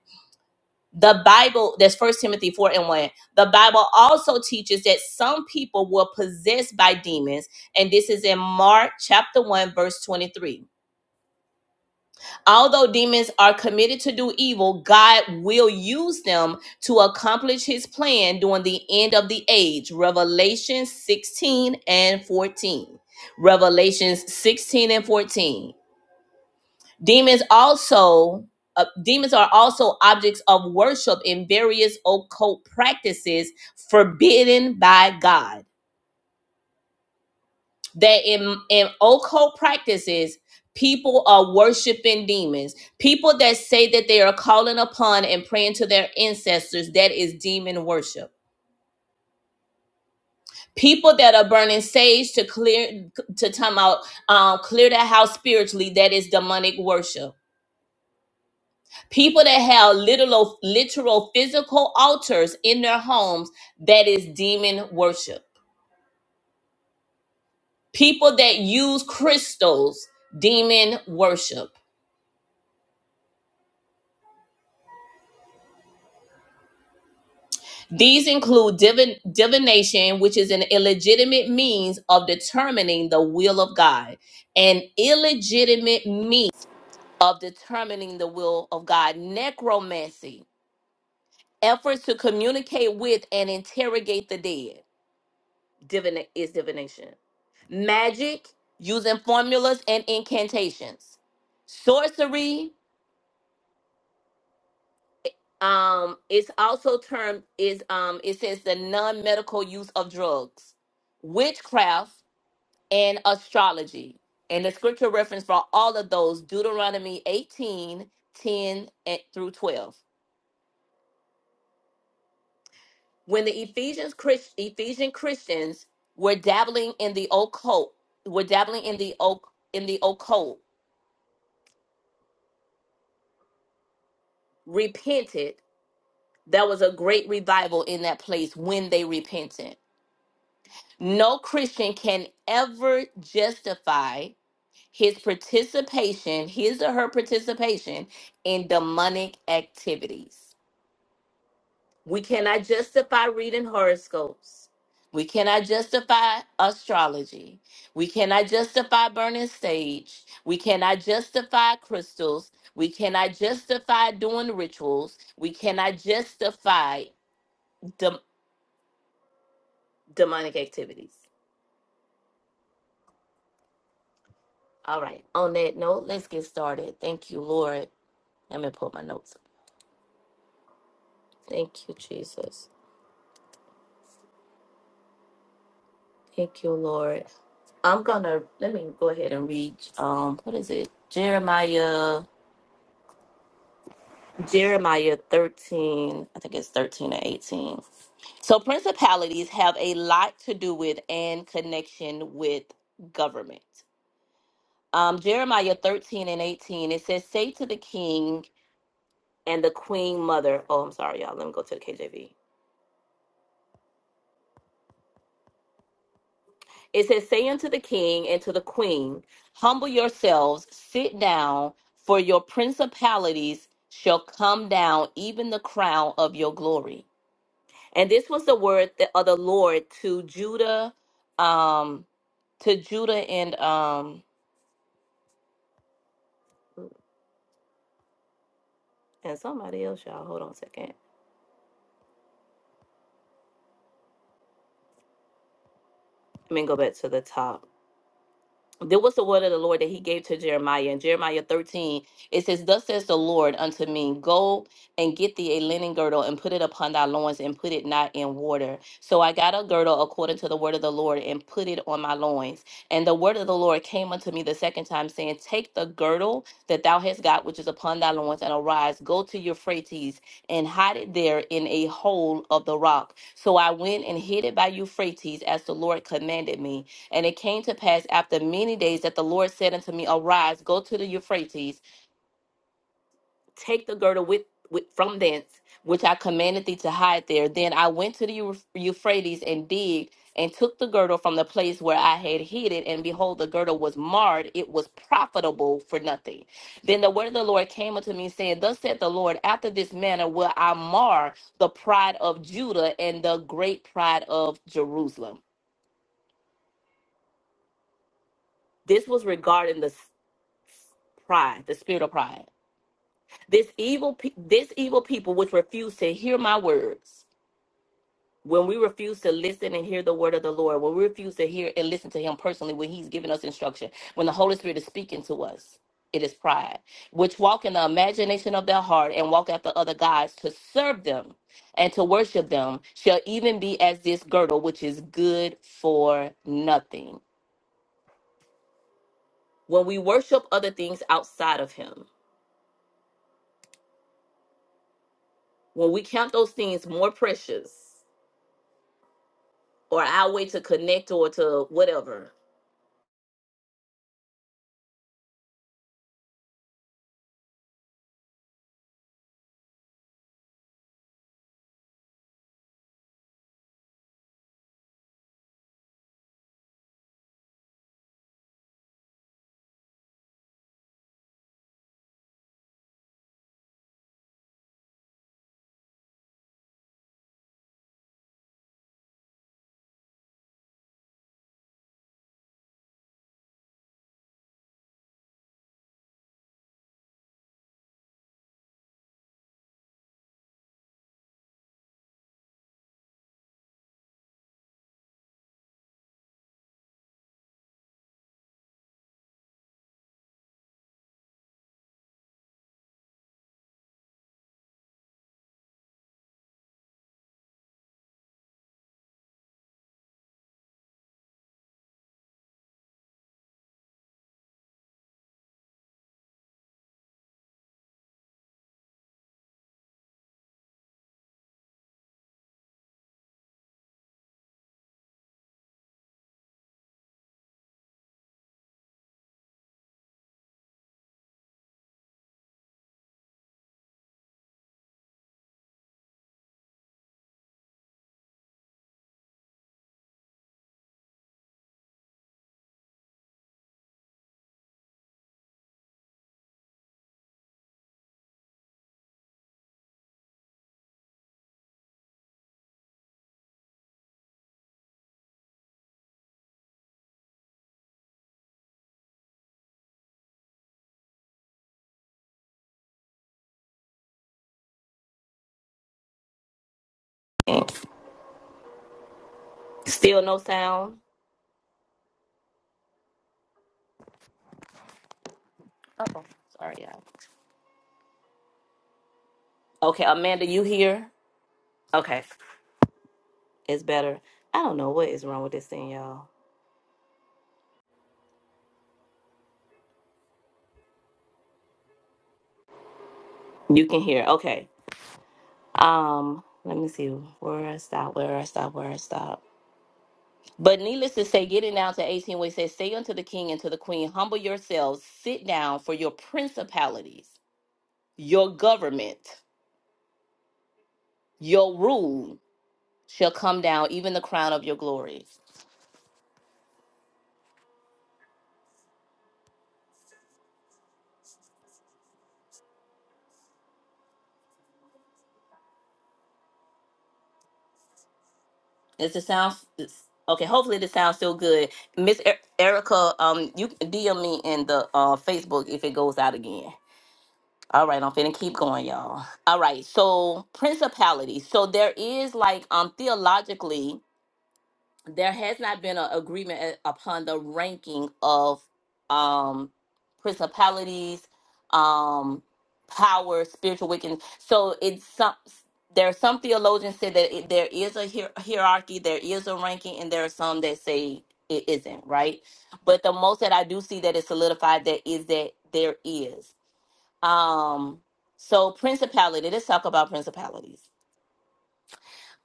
Speaker 1: the bible that's first timothy 4 and 1 the bible also teaches that some people were possessed by demons and this is in mark chapter 1 verse 23 although demons are committed to do evil god will use them to accomplish his plan during the end of the age revelation 16 and 14 revelations 16 and 14 Demons also uh, demons are also objects of worship in various occult practices forbidden by God. That in in occult practices, people are worshiping demons. People that say that they are calling upon and praying to their ancestors, that is demon worship. People that are burning sage to clear to time out, um, clear the house spiritually, that is demonic worship People that have literal, literal physical altars in their homes, that is demon worship. People that use crystals, demon worship. These include divin- divination, which is an illegitimate means of determining the will of God, an illegitimate means of determining the will of God, necromancy, efforts to communicate with and interrogate the dead divina- is divination. Magic, using formulas and incantations. Sorcery, um, it's also termed is um it says the non-medical use of drugs, witchcraft, and astrology. And the scripture reference for all of those, Deuteronomy 18 10 and through 12. When the Ephesians Christ, Ephesian Christians were dabbling in the occult, were dabbling in the oc in the occult repented, there was a great revival in that place when they repented. No Christian can ever justify his participation, his or her participation in demonic activities. We cannot justify reading horoscopes. We cannot justify astrology. We cannot justify burning sage. We cannot justify crystals. We cannot justify doing rituals. We cannot justify Dem- demonic activities. All right. On that note, let's get started. Thank you, Lord. Let me pull my notes up. Thank you, Jesus. Thank you, Lord. I'm gonna let me go ahead and read um what is it? Jeremiah Jeremiah 13, I think it's 13 or 18. So principalities have a lot to do with and connection with government. Um, Jeremiah 13 and 18, it says, Say to the king, and the queen mother. Oh, I'm sorry, y'all. Let me go to the KJV. It says, Say unto the king and to the queen, Humble yourselves, sit down, for your principalities shall come down, even the crown of your glory. And this was the word that- of the Lord to Judah, um, to Judah and um and somebody else, y'all. Hold on a second. Let me go back to the top. There was the word of the Lord that he gave to Jeremiah. In Jeremiah 13, it says, Thus says the Lord unto me, Go and get thee a linen girdle and put it upon thy loins and put it not in water. So I got a girdle according to the word of the Lord and put it on my loins. And the word of the Lord came unto me the second time, saying, Take the girdle that thou hast got, which is upon thy loins, and arise, go to Euphrates, and hide it there in a hole of the rock. So I went and hid it by Euphrates, as the Lord commanded me. And it came to pass after many days that the Lord said unto me, Arise, go to the Euphrates take the girdle with, with from thence, which I commanded thee to hide there. Then I went to the Eu- Euphrates and digged and took the girdle from the place where I had hid it, and behold, the girdle was marred; it was profitable for nothing. Then the word of the Lord came unto me, saying, Thus saith the Lord: After this manner will I mar the pride of Judah and the great pride of Jerusalem. This was regarding the s- pride, the spirit of pride. This evil, pe- this evil people which refuse to hear my words when we refuse to listen and hear the word of the Lord, when we refuse to hear and listen to Him personally when He's giving us instruction, when the Holy Spirit is speaking to us, it is pride, which walk in the imagination of their heart and walk after other gods to serve them and to worship them, shall even be as this girdle, which is good for nothing. When we worship other things outside of Him, when we count those things more precious or our way to connect or to whatever, still no sound. Uh oh, sorry, y'all. Okay, Amanda, you here? Okay, it's better. I don't know what is wrong with this thing, y'all. You can hear. Okay. Um, let me see where I stop, where I stop, where I stop. But needless to say, getting down to 18, where it says, Say unto the king and to the queen, humble yourselves, sit down, for your principalities, your government, your rule shall come down, even the crown of your glory. Does it sound it's, okay? Hopefully, this sounds still good. Miss E- Erica, um, you can DM me in the uh Facebook if it goes out again. All right, I'm finna keep going, y'all. All right, so principality. So there is like um theologically there has not been an agreement eh, upon the ranking of um principalities um power spiritual wickedness so it's some there are some theologians say that it, there is a hier- hierarchy there is a ranking and there are some that say it isn't right but the most that i do see that is solidified that is that there is um so principality let's talk about principalities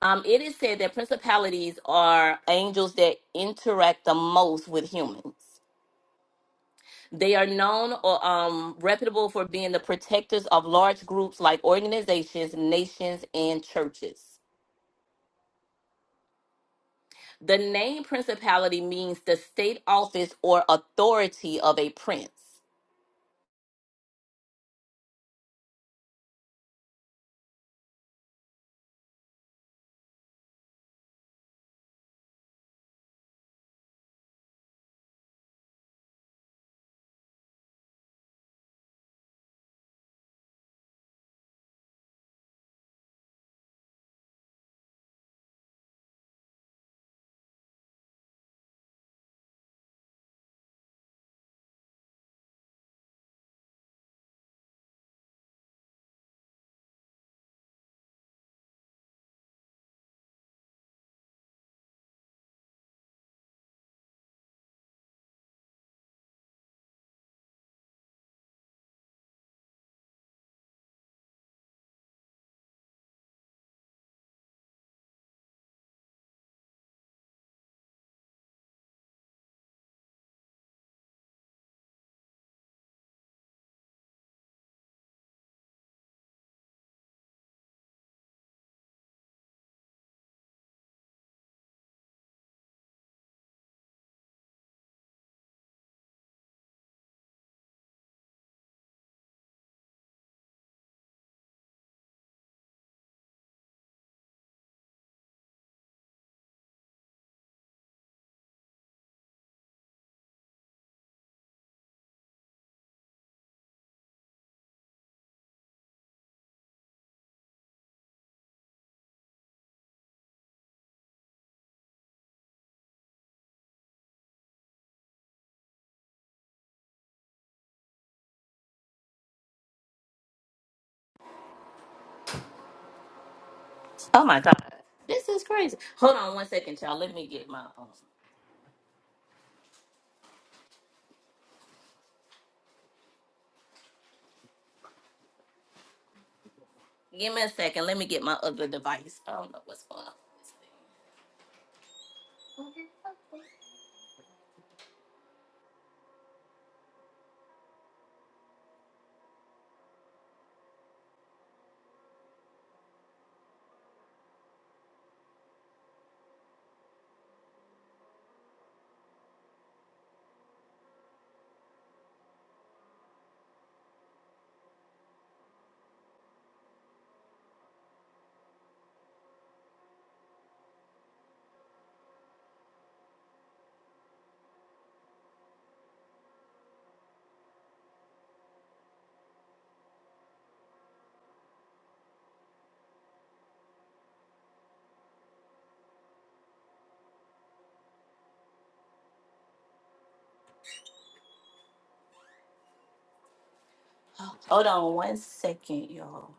Speaker 1: um, it is said that principalities are angels that interact the most with humans. They are known or um, reputable for being the protectors of large groups like organizations, nations, and churches. The name principality means the state office or authority of a prince. Oh my God. This is crazy. Hold on one second, y'all. Let me get my. Um, give me a second. Let me get my other device. I don't know what's going on. with this thing. Hold on one second, y'all.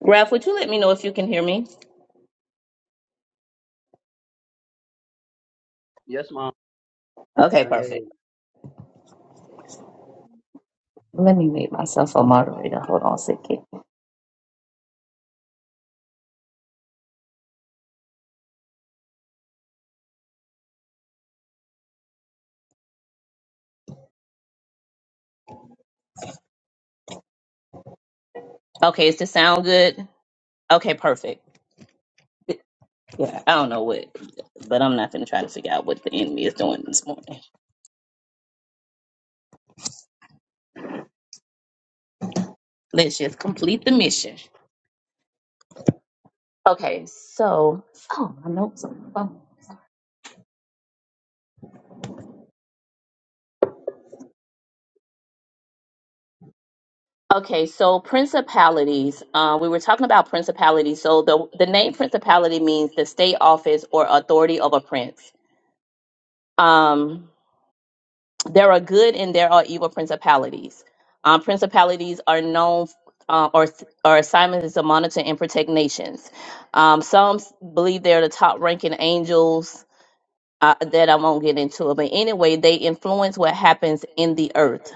Speaker 2: Ralph, would you let me know if you can hear me?
Speaker 3: Yes, mom. I
Speaker 2: Okay,
Speaker 3: can hear you.
Speaker 2: perfect. Let me make myself a moderator. Hold on a second. Okay, is this sound good? Okay, perfect. Yeah, I don't know what, but I'm not going to try to figure out what the enemy is doing this morning. Let's just complete the mission. Okay, so, oh, my notes on the phone. Okay, so principalities. Uh, we were talking about principalities. So the the name principality means the state office or authority of a prince. Um, there are good and there are evil principalities. Um, principalities are known uh, or or assignments is to monitor and protect nations. Um, some s- believe they're the top ranking angels. Uh, that I won't get into it, but anyway, they influence what happens in the earth.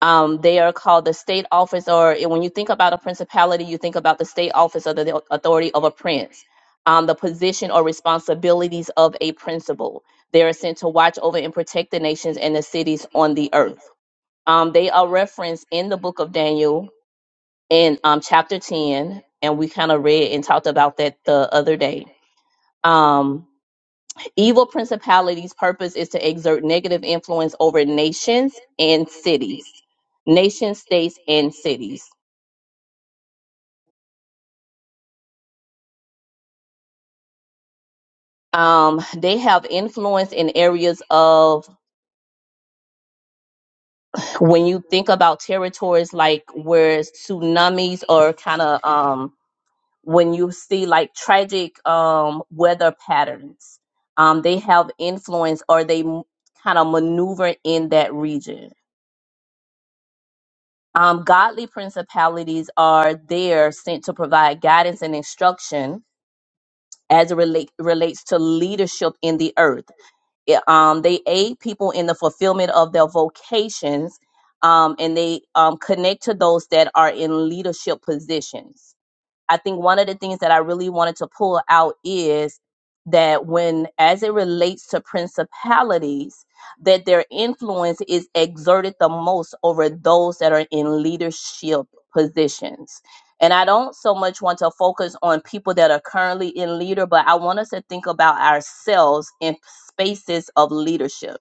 Speaker 2: Um, they are called the state office, or when you think about a principality, you think about the state office or the authority of a prince. Um, the position or responsibilities of a principal. They are sent to watch over and protect the nations and the cities on the earth. Um, they are referenced in the book of Daniel in um, chapter 10, and we kind of read and talked about that the other day. Um, Evil principalities' purpose is to exert negative influence over nations and cities, nation states and cities. Um, they have influence in areas of when you think about territories like where tsunamis or kind of um, when you see like tragic um, weather patterns, um, they have influence or they kind of maneuver in that region Um, godly principalities are there sent to provide guidance and instruction as it relate, relates to leadership in the earth. It- um, they aid people in the fulfillment of their vocations um, and they um, connect to those that are in leadership positions. I think one of the things that I really wanted to pull out is that when, as it relates to principalities, that their influence is exerted the most over those that are in leadership positions. And I don't so much want to focus on people that are currently in leader, but I want us to think about ourselves in spaces of leadership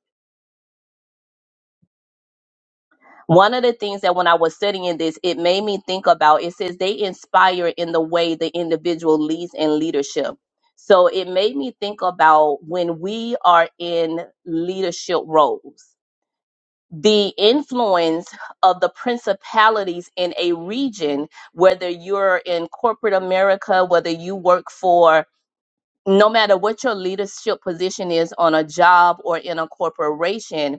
Speaker 2: one of the things that when I was studying this, it made me think about it says they inspire in the way the individual leads and leadership. So it made me think about when we are in leadership roles, the influence of the principalities in a region, whether you're in corporate America, whether you work for no matter what your leadership position is on a job or in a corporation,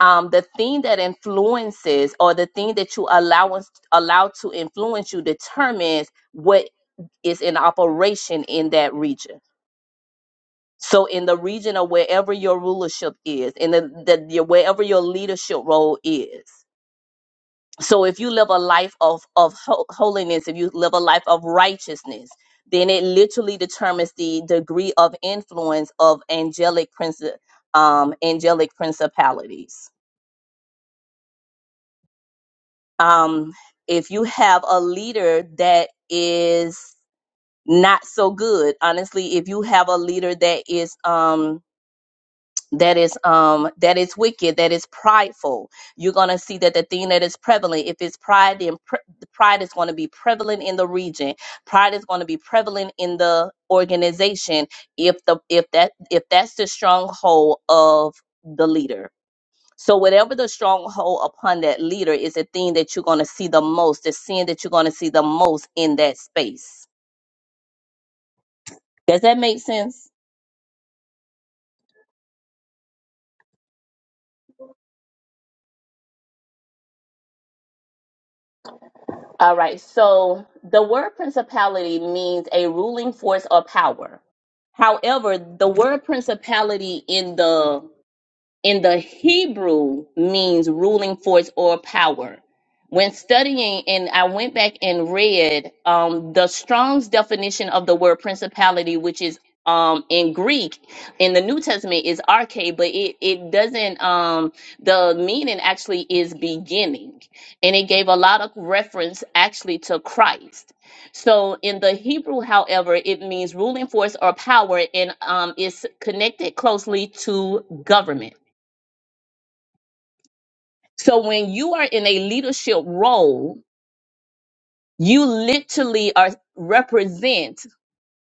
Speaker 2: um, the thing that influences or the thing that you allow us, allow to influence you determines what is in operation in that region. So, in the region of wherever your rulership is, in the, the your, wherever your leadership role is. So, if you live a life of of ho- holiness, if you live a life of righteousness, then it literally determines the degree of influence of angelic princi- um, angelic principalities. um, if you have a leader that is not so good honestly if you have a leader that is um that is um that is wicked that is prideful you're going to see that the thing that is prevalent if it's pride then pre- pride is going to be prevalent in the region pride is going to be prevalent in the organization if the if that if that's the stronghold of the leader so whatever the stronghold upon that leader is the thing that you're going to see the most, the sin that you're going to see the most in that space. Does that make sense? All right. So the word principality means a ruling force or power. However, the word principality in the in the Hebrew means ruling force or power. When studying, and I went back and read um, the Strong's definition of the word principality, which is um, in Greek, in the New Testament is arche, but it, it doesn't, um, the meaning actually is beginning. And it gave a lot of reference actually to Christ. So in the Hebrew, however, it means ruling force or power and um, is connected closely to government. So when you are in a leadership role, you literally are represent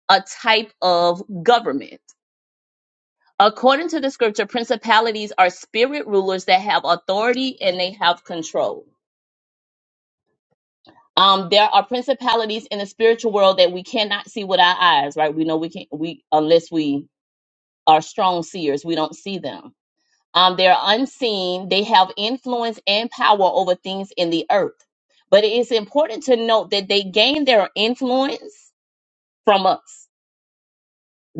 Speaker 2: a type of government. According to the scripture, principalities are spirit rulers that have authority and they have control. Um, there are principalities in the spiritual world that we cannot see with our eyes, right? We know we can't we unless we are strong seers, we don't see them Um, they're unseen. They have influence and power over things in the earth. But it is important to note that they gain their influence from us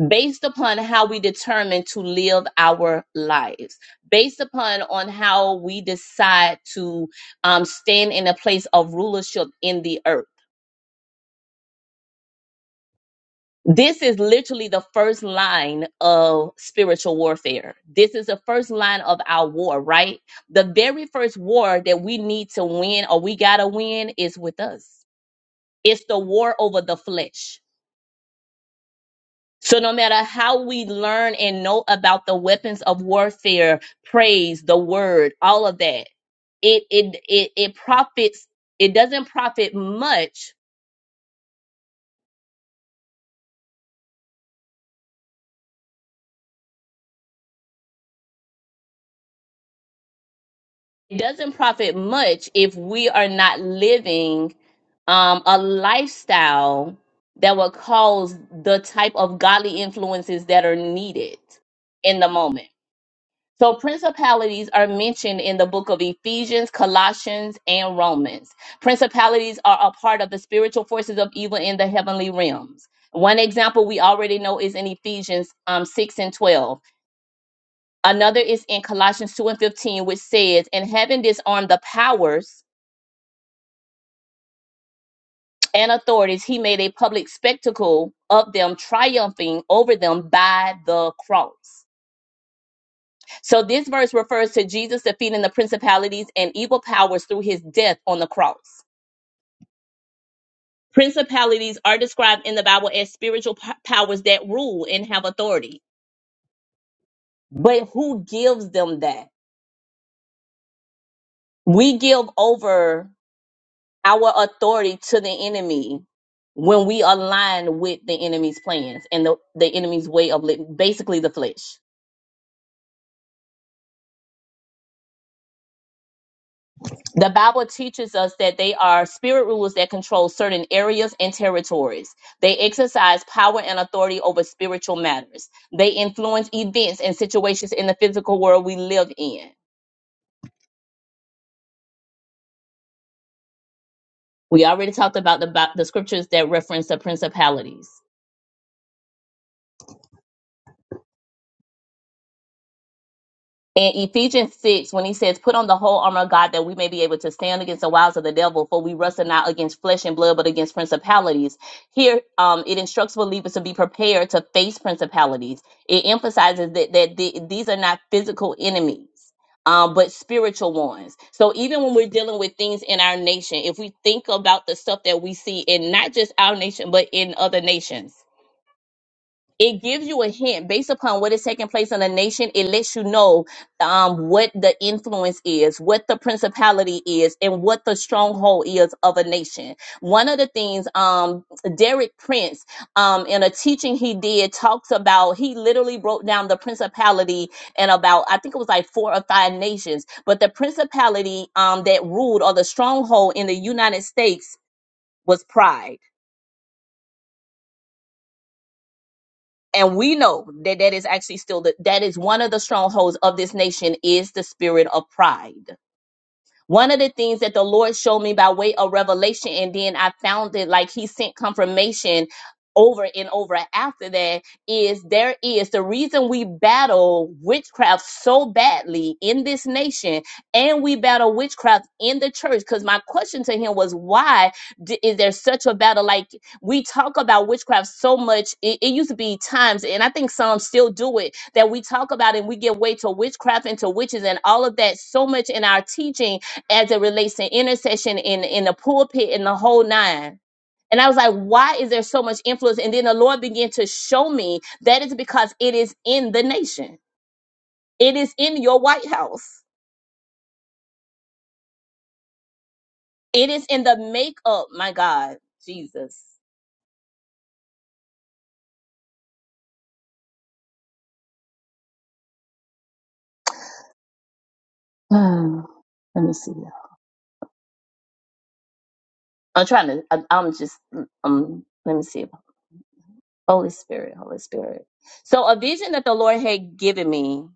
Speaker 2: based upon how we determine to live our lives, based upon on how we decide to um, stand in a place of rulership in the earth. This is literally the first line of spiritual warfare. This is the first line of our war, right? The very first war that we need to win or we got to win is with us. It's the war over the flesh. So, no matter how we learn and know about the weapons of warfare, praise, the word, all of that, it, it, it, it profits, it doesn't profit much It doesn't profit much if we are not living um, a lifestyle that will cause the type of godly influences that are needed in the moment. So, principalities are mentioned in the book of Ephesians, Colossians, and Romans. Principalities are a part of the spiritual forces of evil in the heavenly realms. One example we already know is in Ephesians um, 6 and 12 Another is in Colossians 2 and 15, which says, And having disarmed the powers and authorities, he made a public spectacle of them, triumphing over them by the cross. So this verse refers to Jesus defeating the principalities and evil powers through his death on the cross. Principalities are described in the Bible as spiritual p- powers that rule and have authority. But who gives them that? We give over our authority to the enemy when we align with the enemy's plans and the, the enemy's way of living, basically the flesh. The Bible teaches us that they are spirit rulers that control certain areas and territories. They exercise power and authority over spiritual matters. They influence events and situations in the physical world we live in. We already talked about the, Bi- the scriptures that reference the principalities. In Ephesians 6, when he says, Put on the whole armor of God that we may be able to stand against the wiles of the devil, for we wrestle not against flesh and blood, but against principalities. Here, um, it instructs believers to be prepared to face principalities. It emphasizes that, that the, these are not physical enemies. Um, but spiritual ones. So even when we're dealing with things in our nation, if we think about the stuff that we see in not just our nation, but in other nations, it gives you a hint based upon what is taking place in the nation. It lets you know um, what the influence is, what the principality is, and what the stronghold is of a nation. One of the things um, Derek Prince, um, in a teaching he did, talks about, he literally broke down the principality and about, I think it was like four or five nations, but the principality um, that ruled or the stronghold in the United States was pride and we know that that is actually still the, that is one of the strongholds of this nation is the spirit of pride one of the things that the Lord showed me by way of revelation, and then I found it like He sent confirmation over and over after that is there is the reason we battle witchcraft so badly in this nation and we battle witchcraft in the church because my question to him was why d- is there such a battle like we talk about witchcraft so much it, it used to be times and i think some still do it that we talk about it and we give way to witchcraft and to witches and all of that so much in our teaching as it relates to intercession in in the pulpit and the whole nine. And I was like, why is there so much influence? And then the Lord began to show me that is because it is in the nation. It is in your White House. It is in the makeup, my God, Jesus. let me see. I'm trying to, I, I'm just, um, let me see. Holy Spirit, Holy Spirit. So a vision that the Lord had given me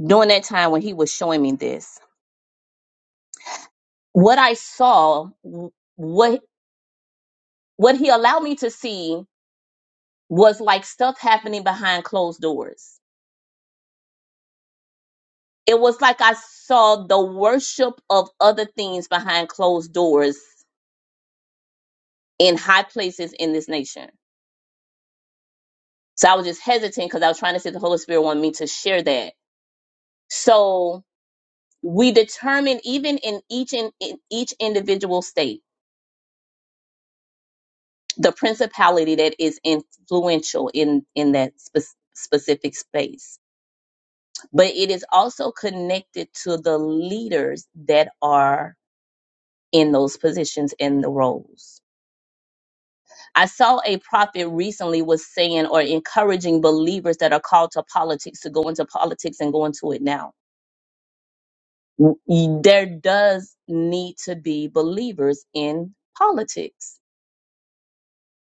Speaker 2: during that time when he was showing me this, what I saw, what what he allowed me to see was like stuff happening behind closed doors. It was like I saw the worship of other things behind closed doors in high places in this nation. So I was just hesitant because I was trying to see if the Holy Spirit wanted me to share that. So we determine even in each in, in each individual state the principality that is influential in in that spe- specific space but it is also connected to the leaders that are in those positions and the roles. I saw a prophet recently was saying or encouraging believers that are called to politics to go into politics and go into it now. W- There does need to be believers in politics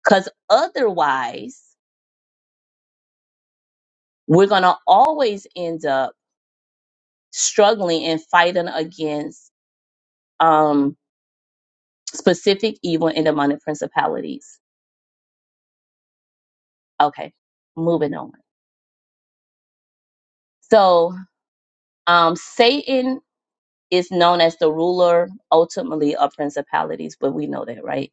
Speaker 2: because otherwise we're going to always end up struggling and fighting against um, specific evil and demonic principalities Okay, moving on. So, um, Satan is known as the ruler, ultimately, of principalities, but we know that, right?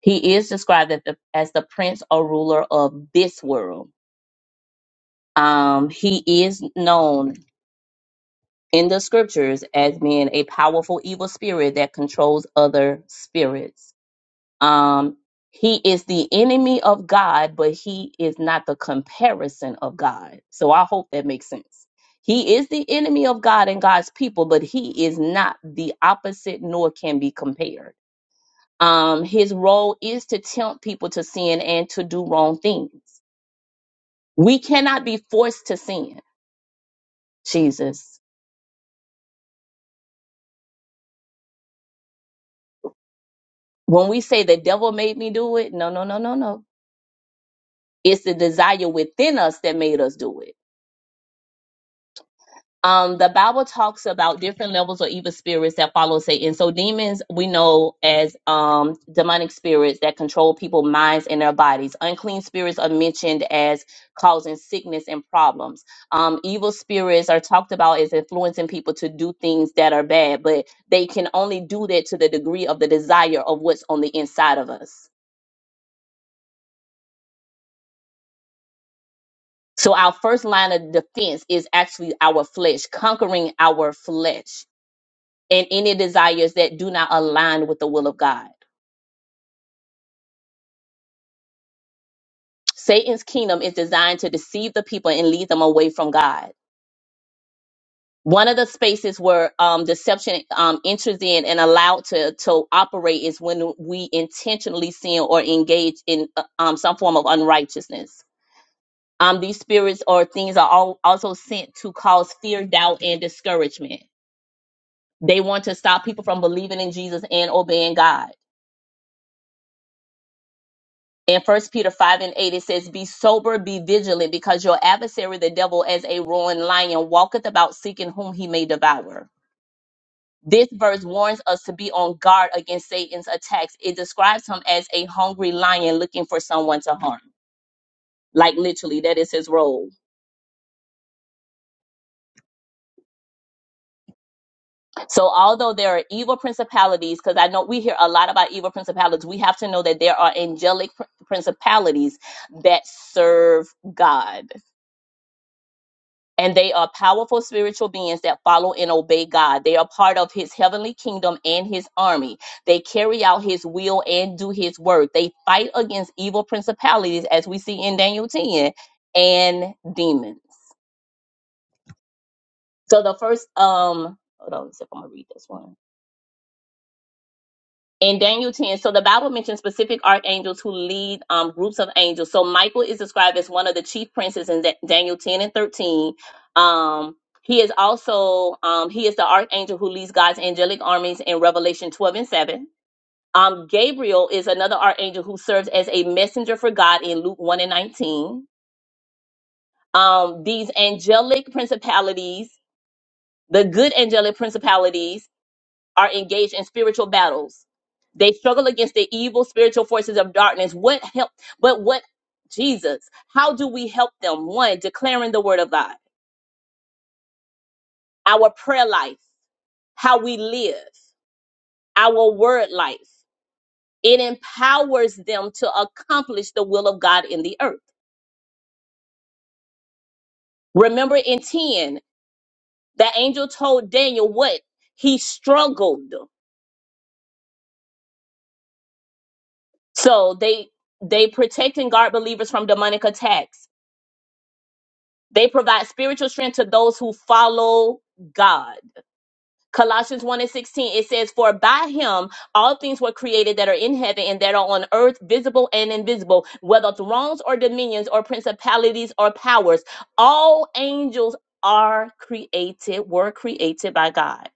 Speaker 2: He is described as the, as the prince or ruler of this world. Um, he is known in the scriptures as being a powerful evil spirit that controls other spirits. Um, he is the enemy of God, but he is not the comparison of God. So I hope that makes sense. He is the enemy of God and God's people, but he is not the opposite nor can be compared. Um, his role is to tempt people to sin and to do wrong things. We cannot be forced to sin, Jesus. When we say the devil made me do it, no, no, no, no, no. It's the desire within us that made us do it um the bible talks about different levels or evil spirits that follow satan so demons we know as um demonic spirits that control people's minds and their bodies unclean spirits are mentioned as causing sickness and problems um evil spirits are talked about as influencing people to do things that are bad but they can only do that to the degree of the desire of what's on the inside of us so our first line of defense is actually our flesh conquering our flesh and any desires that do not align with the will of God. Satan's kingdom is designed to deceive the people and lead them away from God. One of the spaces where um, deception um, enters in and allowed to to operate is when we intentionally sin or engage in uh, um, some form of unrighteousness. Um, these spirits or things are all, also sent to cause fear, doubt, and discouragement. They want to stop people from believing in Jesus and obeying God in first peter 5 and 8 it says be sober be vigilant because your adversary the devil as a roaring lion walketh about seeking whom he may devour this verse warns us to be on guard against satan's attacks it describes him as a hungry lion looking for someone to harm like literally that is his role so although there are evil principalities because i know we hear a lot about evil principalities we have to know that there are angelic pr- principalities that serve god and they are powerful spiritual beings that follow and obey God. They are part of his heavenly kingdom and his army. They carry out his will and do his work. They fight against evil principalities as we see in Daniel 10 and demons. So the first um hold on, let see if I'm gonna read this one. in Daniel 10, so the Bible mentions specific archangels who lead um, groups of angels. So Michael is described as one of the chief princes in Da- Daniel 10 and 13. Um, he is also um, he is the archangel who leads God's angelic armies in Revelation 12 and 7. Um, Gabriel is another archangel who serves as a messenger for God in Luke 1 and 19. Um, these angelic principalities, the good angelic principalities, are engaged in spiritual battles. They struggle against the evil spiritual forces of darkness. What help? But what, Jesus, how do we help them? One, declaring the word of God, our prayer life, how we live, our word life. It empowers them to accomplish the will of God in the earth. Remember in 10, the angel told Daniel what he struggled. So they they protect and guard believers from demonic attacks They provide spiritual strength to those who follow God. Colossians 1 and 16, it says, For by him all things were created that are in heaven and that are on earth, visible and invisible, whether thrones or dominions or principalities or powers. All angels are created, were created by God.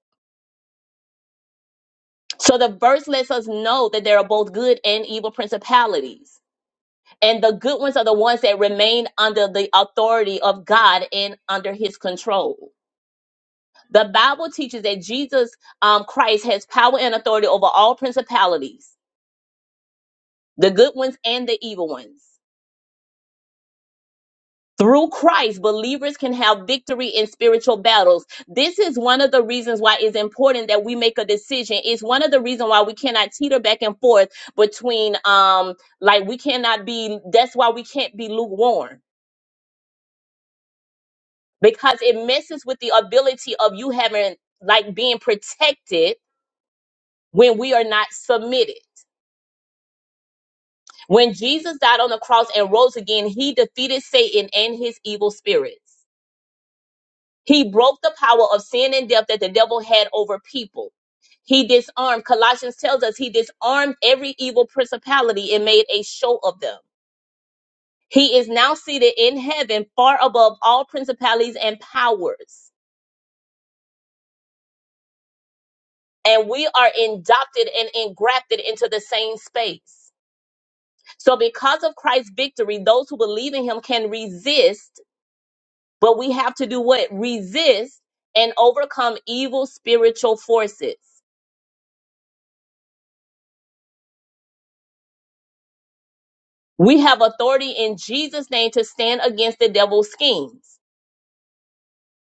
Speaker 2: So the verse lets us know that there are both good and evil principalities. And the good ones are the ones that remain under the authority of God and under his control. The Bible teaches that Jesus um, Christ has power and authority over all principalities, the good ones and the evil ones. Through Christ, believers can have victory in spiritual battles. This is one of the reasons why it's important that we make a decision. It's one of the reasons why we cannot teeter back and forth between, um, like, we cannot be, that's why we can't be lukewarm because it messes with the ability of you having, like, being protected when we are not submitted When Jesus died on the cross and rose again, he defeated Satan and his evil spirits. He broke the power of sin and death that the devil had over people. He disarmed, Colossians tells us, he disarmed every evil principality and made a show of them. He is now seated in heaven far above all principalities and powers. And we are adopted and engrafted into the same space. So, because of Christ's victory, those who believe in him can resist But we have to do what? Resist and overcome evil spiritual forces. We have authority in Jesus' name to stand against the devil's schemes.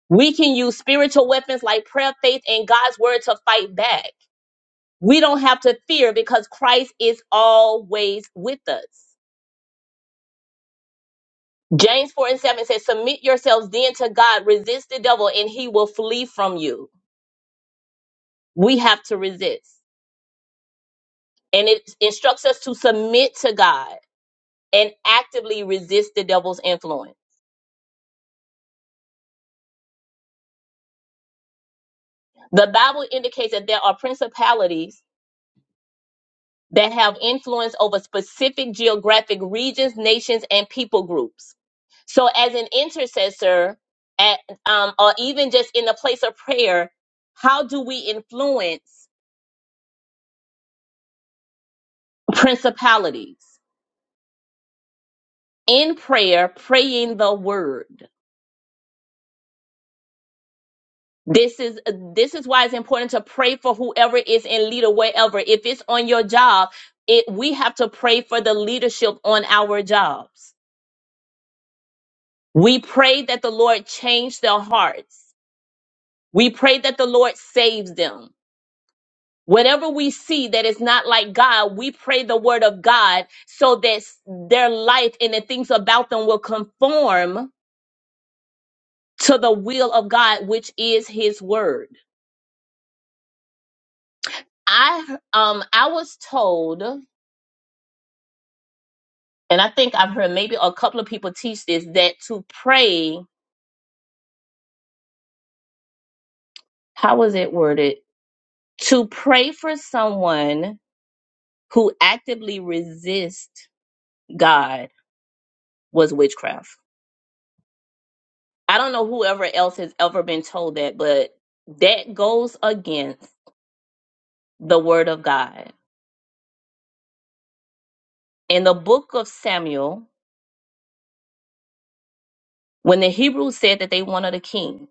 Speaker 2: We can use spiritual weapons like prayer, faith, and God's word to fight back. We don't have to fear because Christ is always with us. James 4 and 7 says, Submit yourselves then to God, resist the devil, and he will flee from you. We have to resist. And it instructs us to submit to God. and actively resist the devil's influence. The Bible indicates that there are principalities that have influence over specific geographic regions, nations, and people groups. So, as an intercessor, at, um, or even just in the place of prayer, how do we influence principalities? In prayer, praying the word. This is this is why it's important to pray for whoever is in leader wherever. If it's on your job, it we have to pray for the leadership on our jobs. We pray that the Lord change their hearts. We pray that the Lord saves them. Whatever we see that is not like God, we pray the word of God so that s- their life and the things about them will conform to the will of God, which is his word. I um I was told and I think I've heard maybe a couple of people teach this that to pray, how was it worded? To pray for someone who actively resists God was witchcraft. I don't know whoever else has ever been told that, but that goes against the word of God. In the book of Samuel, when the Hebrews said that they wanted a king,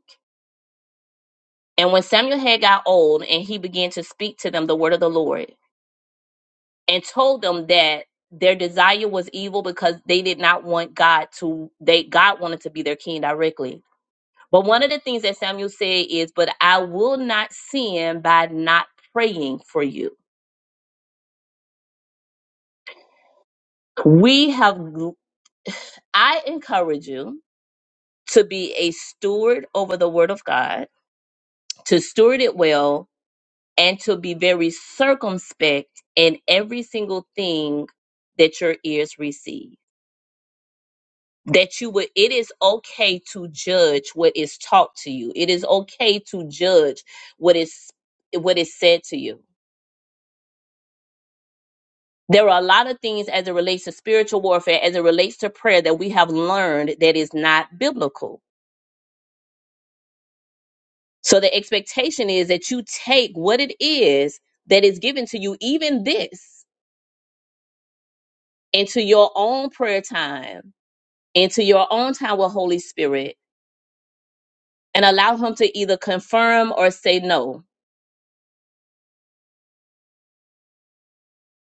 Speaker 2: and when Samuel had got old and he began to speak to them the word of the Lord, and told them that their desire was evil because they did not want God to they God wanted to be their king directly. But one of the things that Samuel said is, "But I will not sin by not praying for you." We have I encourage you to be a steward over the word of God, to steward it well, and to be very circumspect in every single thing that your ears receive that you would it is okay to judge what is taught to you it is okay to judge what is what is said to you there are a lot of things as it relates to spiritual warfare as it relates to prayer that we have learned that is not biblical so the expectation is that you take what it is that is given to you even this into your own prayer time into your own time with holy spirit and allow him to either confirm or say no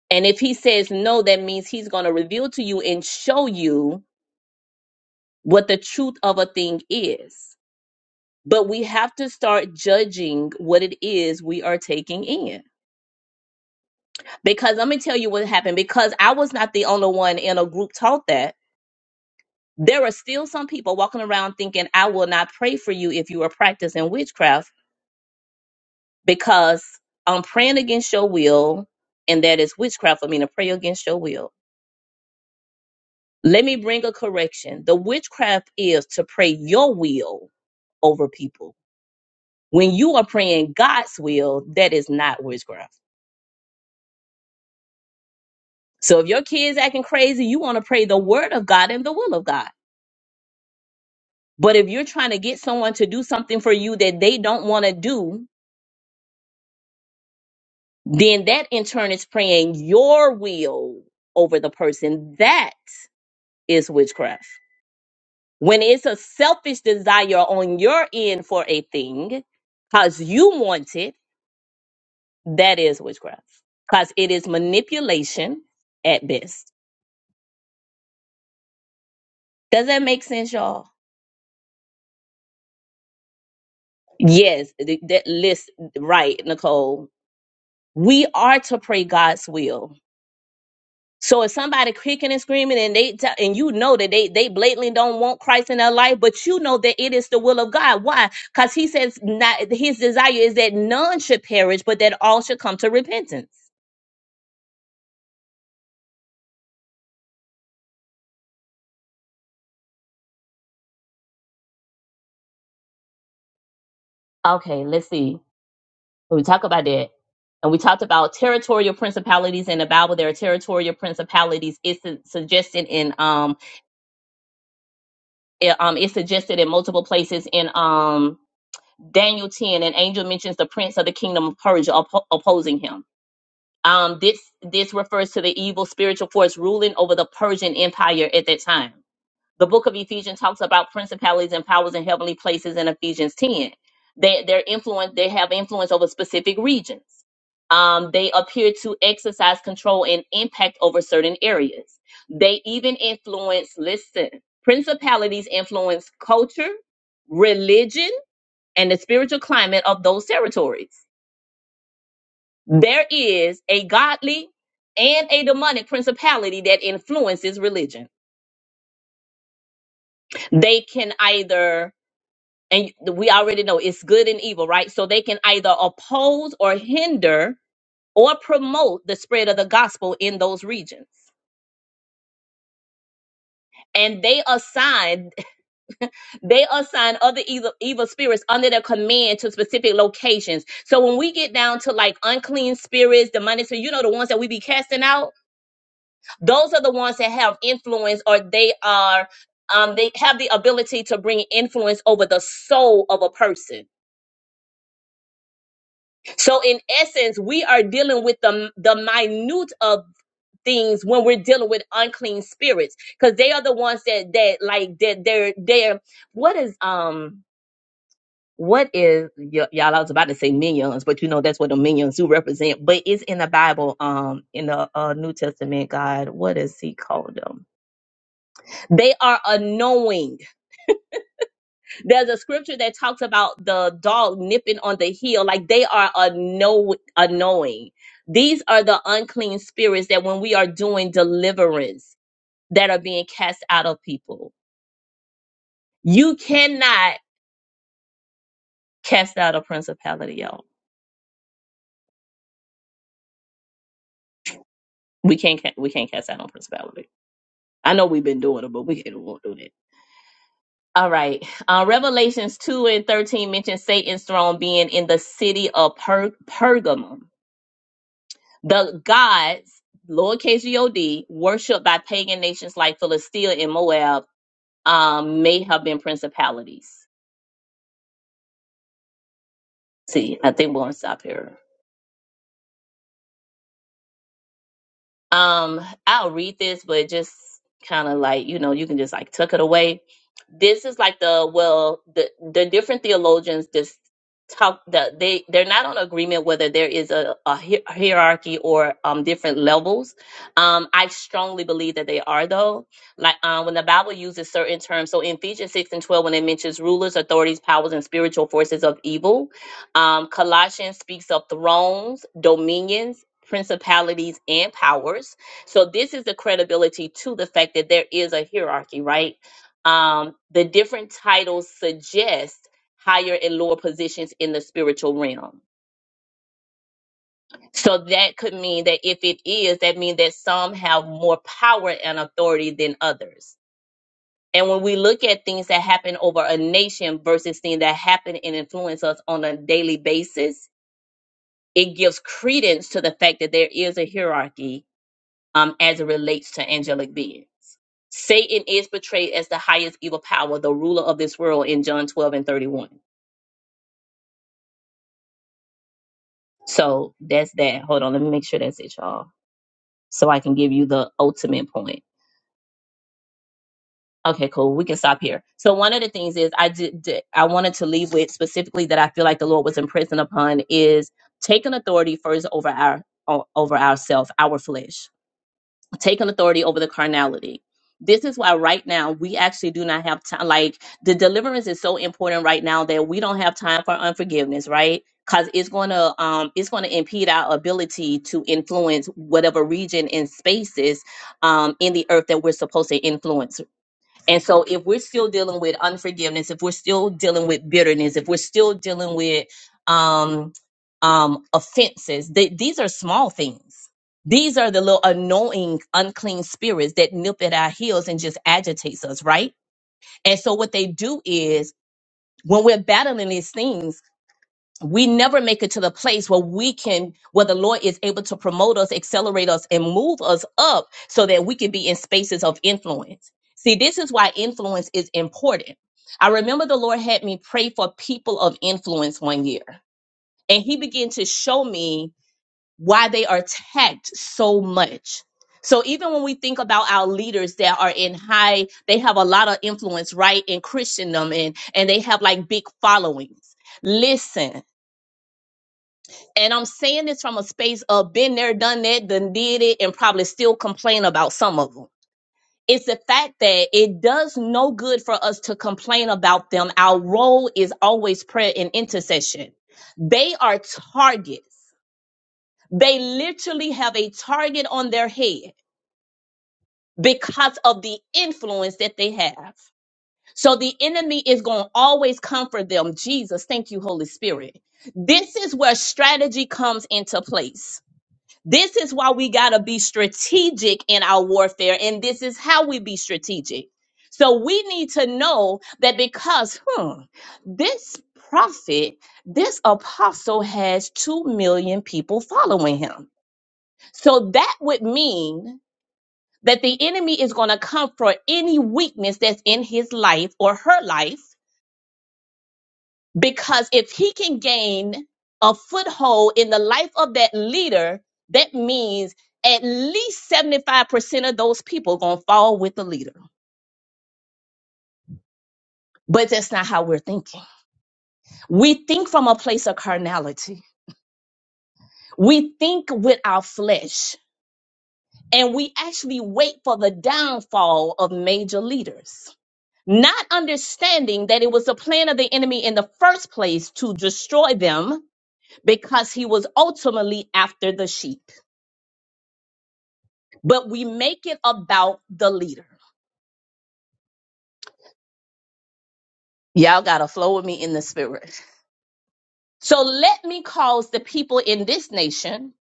Speaker 2: And if he says no, that means he's going to reveal to you and show you what the truth of a thing is. But we have to start judging what it is we are taking in. Because let me tell you what happened. Because I was not the only one in a group taught that. There are still some people walking around thinking, I will not pray for you if you are practicing witchcraft because I'm praying against your will. And that is witchcraft for me to pray against your will. Let me bring a correction. The witchcraft is to pray your will over people. When you are praying God's will, that is not witchcraft. So if your kids acting crazy, you want to pray the word of God and the will of God. But if you're trying to get someone to do something for you that they don't want to do, then that in turn is praying your will over the person. That is witchcraft. When it's a selfish desire on your end for a thing, because you want it That is witchcraft because it is manipulation at best. Does that make sense, y'all? Yes, th- that list right, Nicole. We are to pray God's will. So if somebody kicking and screaming and they t- and you know that they they blatantly don't want Christ in their life, but you know that it is the will of God. Why? Because He says not His desire is that none should perish, but that all should come to repentance. Okay, let's see. when we talk about that and we talked about territorial principalities in the bible there are territorial principalities it's su- suggested in um it, um it's suggested in multiple places in um daniel 10 an angel mentions the prince of the kingdom of persia oppo- opposing him um this this refers to the evil spiritual force ruling over the persian empire at that time the book of Ephesians talks about principalities and powers in heavenly places in Ephesians 10. They they're influence they have influence over specific regions. Um, they appear to exercise control and impact over certain areas. They even influence, listen, principalities influence culture, religion, and the spiritual climate of those territories. There is a godly and a demonic principality that influences religion. They can either and you- we already know it's good and evil, right? So they can either oppose or hinder or promote the spread of the gospel in those regions. And they assign they assign other evil, evil spirits under their command to specific locations. So when we get down to like unclean spirits, demonic spirits, you know the ones that we be casting out, those are the ones that have influence or they are um, they have the ability to bring influence over the soul of a person So in essence, we are dealing with the the minute of things when we're dealing with unclean spirits because they are the ones that that like that they're they're what is um what is y- y'all I was about to say minions but you know that's what the minions do represent but it's in the Bible um in the uh, New Testament God what is he called them they are annoying. There's a scripture that talks about the dog nipping on the heel, like they are a know annoying. These are the unclean spirits that when we are doing deliverance that are being cast out of people. You cannot cast out a principality, y'all. We can't ca- we can't cast out a principality. I know we've been doing it, but we can't we won't do that. All right. Uh, Revelations 2 and 13 mention Satan's throne being in the city of per- Pergamum. The gods, lowercase G O D, worshipped by pagan nations like Philistia and Moab, um, may have been principalities. See, I think we're gonna stop here. Um, I'll read this, but just kind of like, you know, you can just like tuck it away. This is like the well, the the different theologians just talk that they they're not on agreement whether there is a, a hi- hierarchy or um different levels. Um, I strongly believe that they are though. Like um, when the Bible uses certain terms, so in Ephesians six and twelve, when it mentions rulers, authorities, powers, and spiritual forces of evil, um, Colossians speaks of thrones, dominions principalities and powers. So this is the credibility to the fact that there is a hierarchy, right? Um, the different titles suggest higher and lower positions in the spiritual realm. So that could mean that if it is, that means that some have more power and authority than others. And when we look at things that happen over a nation versus things that happen and influence us on a daily basis, it gives credence to the fact that there is a hierarchy um, as it relates to angelic being. Satan is portrayed as the highest evil power, the ruler of this world in John 12 and 31. So that's that. Hold on, let me make sure that's it, y'all, so I can give you the ultimate point. Okay, cool. We can stop here. So one of the things is I did, did I wanted to leave with specifically that I feel like the Lord was impressing upon is taking authority first over our o- over ourself, our flesh taken authority over the carnality. This is why right now we actually do not have time. Like the deliverance is so important right now that we don't have time for unforgiveness, right? Because it's gonna um it's gonna impede our ability to influence whatever region and spaces um in the earth that we're supposed to influence and so, if we're still dealing with unforgiveness, if we're still dealing with bitterness, if we're still dealing with um, um, offenses, they, these are small things. These are the little annoying, unclean spirits that nip at our heels and just agitates us, right? And so, what they do is when we're battling these things, we never make it to the place where we can where the lord is able to promote us accelerate us and move us up so that we can be in spaces of influence see this is why influence is important i remember the lord had me pray for people of influence one year and he began to show me why they are tagged so much so even when we think about our leaders that are in high they have a lot of influence right in christendom and and they have like big followings listen and I'm saying this from a space of been there, done that, done did it, and probably still complain about some of them. It's the fact that it does no good for us to complain about them. Our role is always prayer and intercession. They are targets. They literally have a target on their head because of the influence that they have. So the enemy is going to always comfort them. Jesus, thank you, Holy Spirit. This is where strategy comes into place This is why we got to be strategic in our warfare, and this is how we be strategic. So we need to know that because hmm, this prophet, this apostle has 2 million people following him. So that would mean that the enemy is going to come for any weakness that's in his life or her life because if he can gain a foothold in the life of that leader, that means at least 75% of those people going to fall with the leader. But that's not how we're thinking. We think from a place of carnality. We think with our flesh and we actually wait for the downfall of major leaders. Not understanding that it was the plan of the enemy in the first place to destroy them because he was ultimately after the sheep. but we make it about the leader. Y'all got to flow with me in the spirit. So let me cause the people in this nation,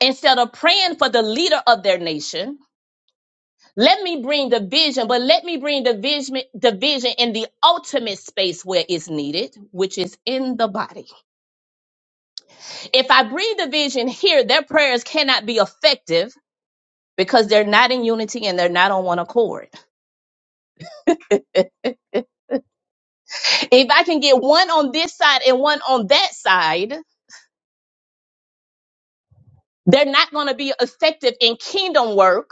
Speaker 2: instead of praying for the leader of their nation, let me bring division. but let me bring division, division in the ultimate space where it's needed, which is in the body. If I bring division here, their prayers cannot be effective because they're not in unity and they're not on one accord. If I can get one on this side and one on that side, They're not going to be effective in kingdom work.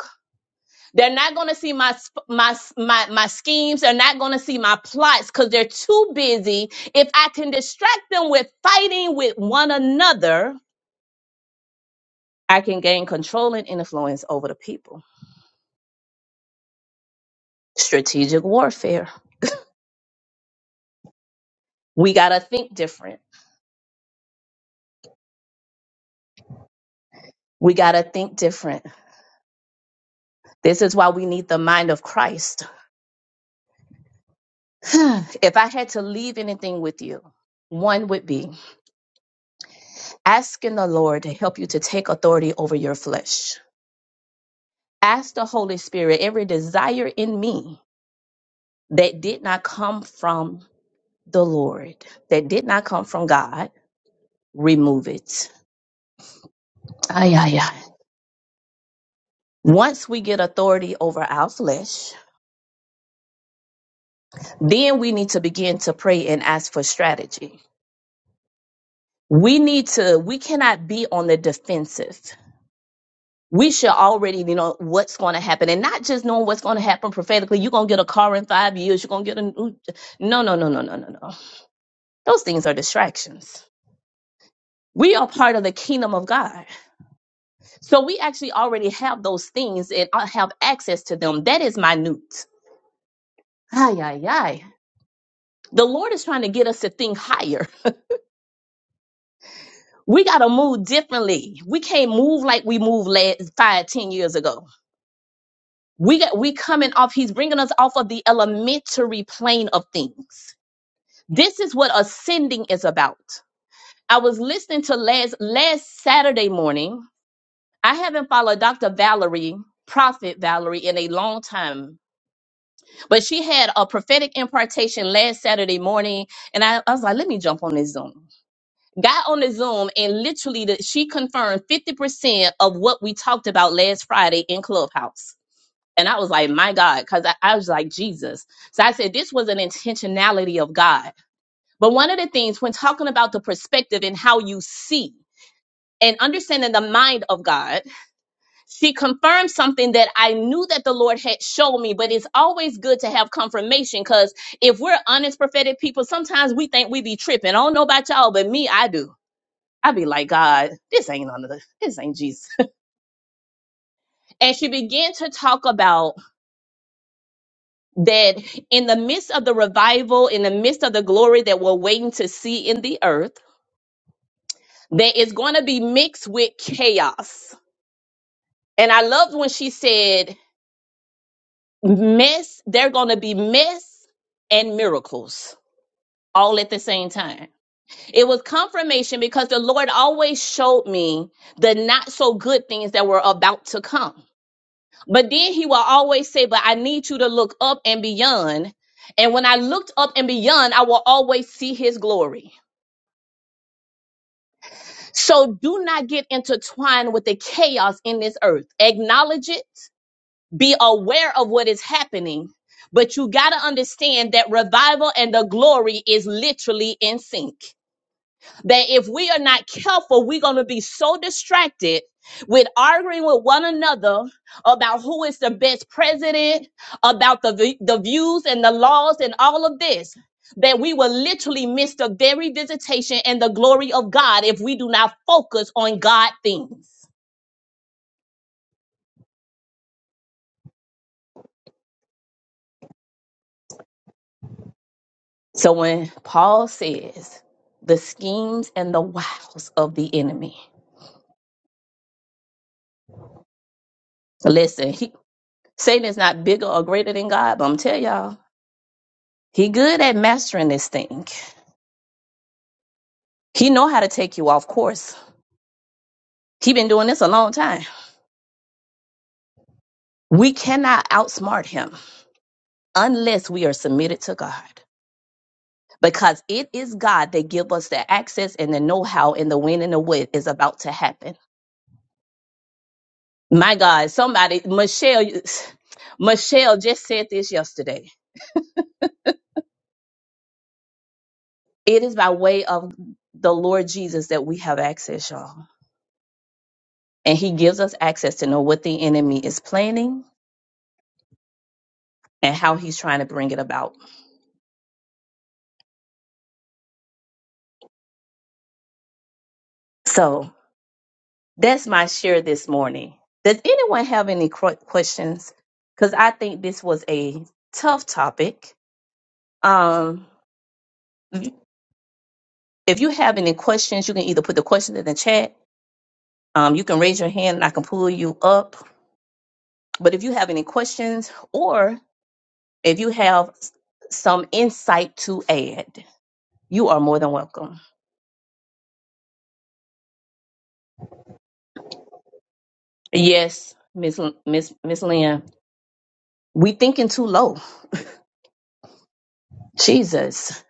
Speaker 2: They're not going to see my sp- my s- my my schemes. They're not going to see my plots cuz they're too busy. If I can distract them with fighting with one another, I can gain control and influence over the people. Strategic warfare. We got to think different. We got to think different. This is why we need the mind of Christ. if I had to leave anything with you, one would be asking the Lord to help you to take authority over your flesh. Ask the Holy Spirit every desire in me that did not come from the Lord, that did not come from God, remove it. Ay, ay, ay. Once we get authority over our flesh, then we need to begin to pray and ask for strategy. We need to, we cannot be on the defensive. we should already know what's going to happen and not just knowing what's going to happen prophetically you're going to get a car in five years you're going to get a new no no no no no no no those things are distractions we are part of the kingdom of god so we actually already have those things and I have access to them that is minute ay ay ay the lord is trying to get us to think higher we got to move differently we can't move like we moved last five ten years ago we got we coming off he's bringing us off of the elementary plane of things This is what ascending is about. I was listening to last last Saturday morning. I haven't followed Dr. Valerie, Prophet Valerie, in a long time, but she had a prophetic impartation last Saturday morning, and I, I was like, let me jump on this Zoom. Got on the Zoom, and literally, the, she confirmed fifty percent of what we talked about last Friday in Clubhouse. And I was like, my God, because I, I was like, Jesus. So I said, this was an intentionality of God But one of the things when talking about the perspective and how you see and understanding the mind of God, she confirmed something that I knew that the Lord had shown me, but it's always good to have confirmation because if we're honest prophetic people, sometimes we think we be tripping. I don't know about y'all, but me, I do. I be like, God, this ain't none of the, this ain't Jesus. And she began to talk about that in the midst of the revival, in the midst of the glory that we're waiting to see in the earth, that is going to be mixed with chaos And I loved when she said, mess, they're going to be mess and miracles all at the same time. It was confirmation because the Lord always showed me the not so good things that were about to come. But then he will always say, But I need you to look up and beyond. And when I looked up and beyond, I will always see his glory. So do not get intertwined with the chaos in this earth. Acknowledge it, be aware of what is happening, but you got to understand that revival and the glory is literally in sync. That if we are not careful, we're going to be so distracted with arguing with one another about who is the best president, about the, vi- the views and the laws and all of this, that we will literally miss the very visitation and the glory of God if we do not focus on God things. So when Paul says the schemes and the wiles of the enemy, listen, he, Satan is not bigger or greater than God, but I'm tell y'all, he good at mastering this thing. He know how to take you off course. He been doing this a long time. We cannot outsmart him unless we are submitted to God. Because it is God that give us the access and the know-how and the when and the what is about to happen. My God, somebody, Michelle, Michelle just said this yesterday It is by way of the Lord Jesus that we have access, y'all. And he gives us access to know what the enemy is planning and how he's trying to bring it about. So that's my share this morning. Does anyone have any qu- questions? Because I think this was a tough topic. Um, if you have any questions, you can either put the questions in the chat, um, you can raise your hand and I can pull you up. But if you have any questions or if you have some insight to add, You are more than welcome. Yes, Miss L- Miss Miss Lynn. We thinking too low. Jesus.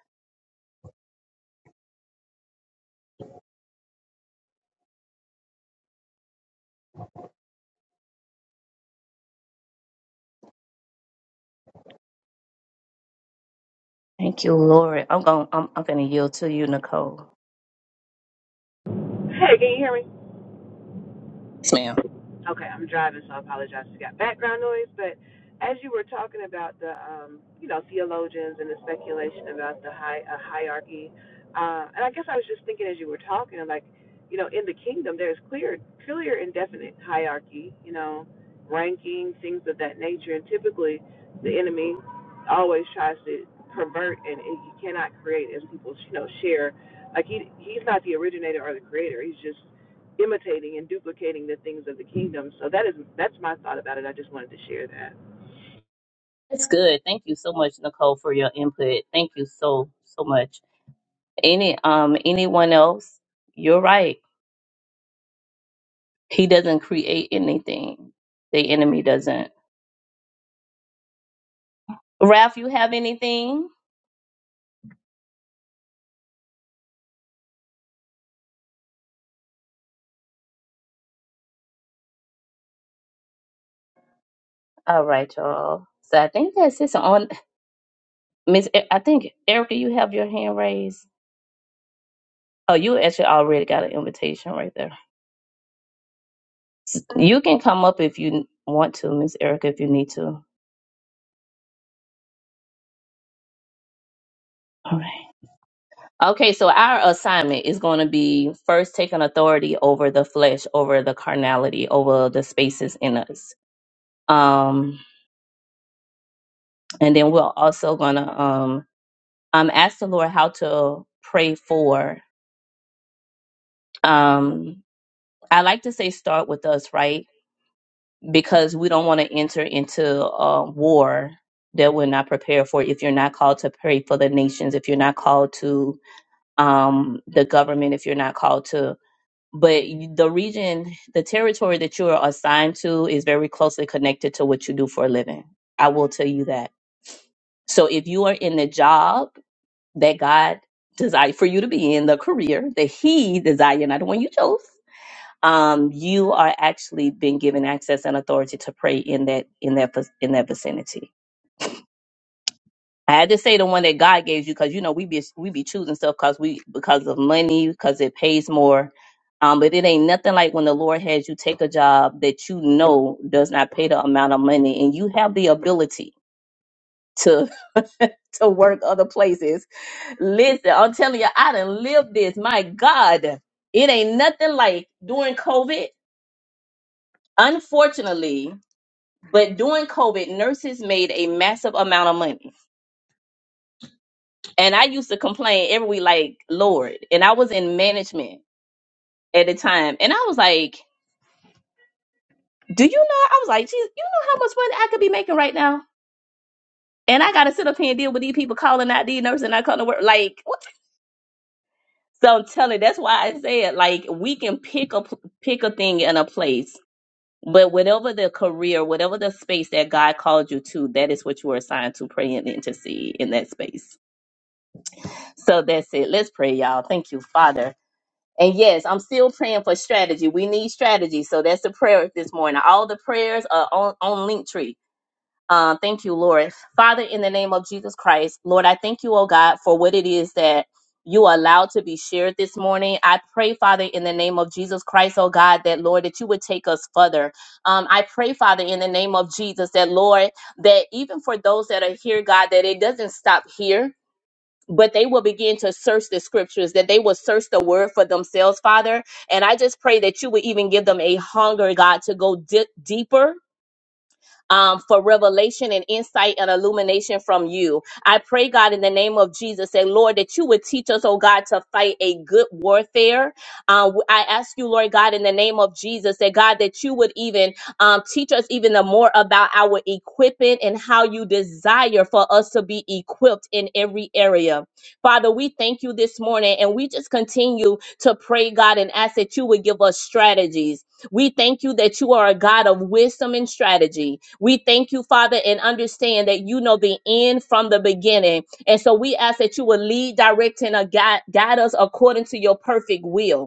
Speaker 2: Thank you, Lord. I'm going I'm I'm gonna yield to you, Nicole.
Speaker 4: Hey, can you hear me?
Speaker 2: Yes, ma'am.
Speaker 4: Okay, I'm driving, so I apologize if you got background noise. But as you were talking about the, um, you know, theologians and the speculation about the hi- uh, hierarchy, uh, and I guess I was just thinking as you were talking, I'm like, you know, in the kingdom, there's clear, clear and definite hierarchy, you know, ranking, things of that nature. And typically, the enemy always tries to pervert, and, and he cannot create as people, you know, share. Like, he he's not the originator or the creator. He's just imitating and duplicating the things of the kingdom. So that is that's my thought about it. I just wanted to share that.
Speaker 2: That's good. Thank you so much, Nicole, for your input. Thank you so so much. Any um anyone else, you're right. He doesn't create anything. The enemy doesn't. Ralph, you have anything? All right, y'all. So I think that's it. So on Miss E- I think Erica, you have your hand raised. Oh, you actually already got an invitation right there. S- You can come up if you want to, Miss Erica, if you need to. All right. Okay, so our assignment is going to be first taking authority over the flesh, over the carnality, over the spaces in us. Um, and then we're also going to um, um, ask the Lord how to pray for. Um, I like to say start with us, right? because we don't want to enter into a war that we're not prepared for. If you're not called to pray for the nations, if you're not called to um, the government, if you're not called to, but you- the region, the territory that you are assigned to is very closely connected to what you do for a living. I will tell you that. So if you are in the job that God desired for you to be in, the career that He desired, not the one you chose um, you are actually being given access and authority to pray in that in that vi- in that vicinity. I had to say the one that God gave you because you know we be we be choosing stuff because we because of money because it pays more, um, but it ain't nothing like when the Lord has you take a job that you know does not pay the amount of money and you have the ability to to work other places. Listen, I'm telling you, I done lived this. My God, it ain't nothing like during COVID. Unfortunately, But during COVID, nurses made a massive amount of money. And I used to complain every week, like, Lord. And I was in management at the time. And I was like, Do you know? I was like, geez, you know how much money I could be making right now? And I got to sit up here and deal with these people calling out these nurses and I come to work. Like, what? So I'm telling you, that's why I said, like, we can pick a, pick a thing in a place. But whatever the career, whatever the space that God called you to, that is what you were assigned to pray and intercede in that space. So that's it. Let's pray, y'all. Thank you, Father. And yes, I'm still praying for strategy. We need strategy. So that's the prayer this morning. All the prayers are on, on Linktree. Uh, thank you, Lord. Father, in the name of Jesus Christ, Lord, I thank you, oh God, for what it is that you allowed to be shared this morning. I pray, Father, in the name of Jesus Christ, oh God, that Lord, that you would take us further. Um, I pray, Father, in the name of Jesus, that Lord, that even for those that are here, God, that it doesn't stop here but they will begin to search the scriptures, that they will search the word for themselves, Father. And I just pray that you would even give them a hunger, God, to go di- deeper um, for revelation and insight and illumination from you. I pray, God, in the name of Jesus, say, Lord, that you would teach us, oh God, to fight a good warfare. Um, I ask you, Lord God, in the name of Jesus, that God, that you would even um, teach us even the more about our equipping and how you desire for us to be equipped in every area. Father, we thank you this morning and we just continue to pray, God, and ask that you would give us strategies we thank you that you are a God of wisdom and strategy. We thank you, Father, and understand that you know the end from the beginning. And so we ask that you will lead, direct, and uh, guide, guide us according to your perfect will.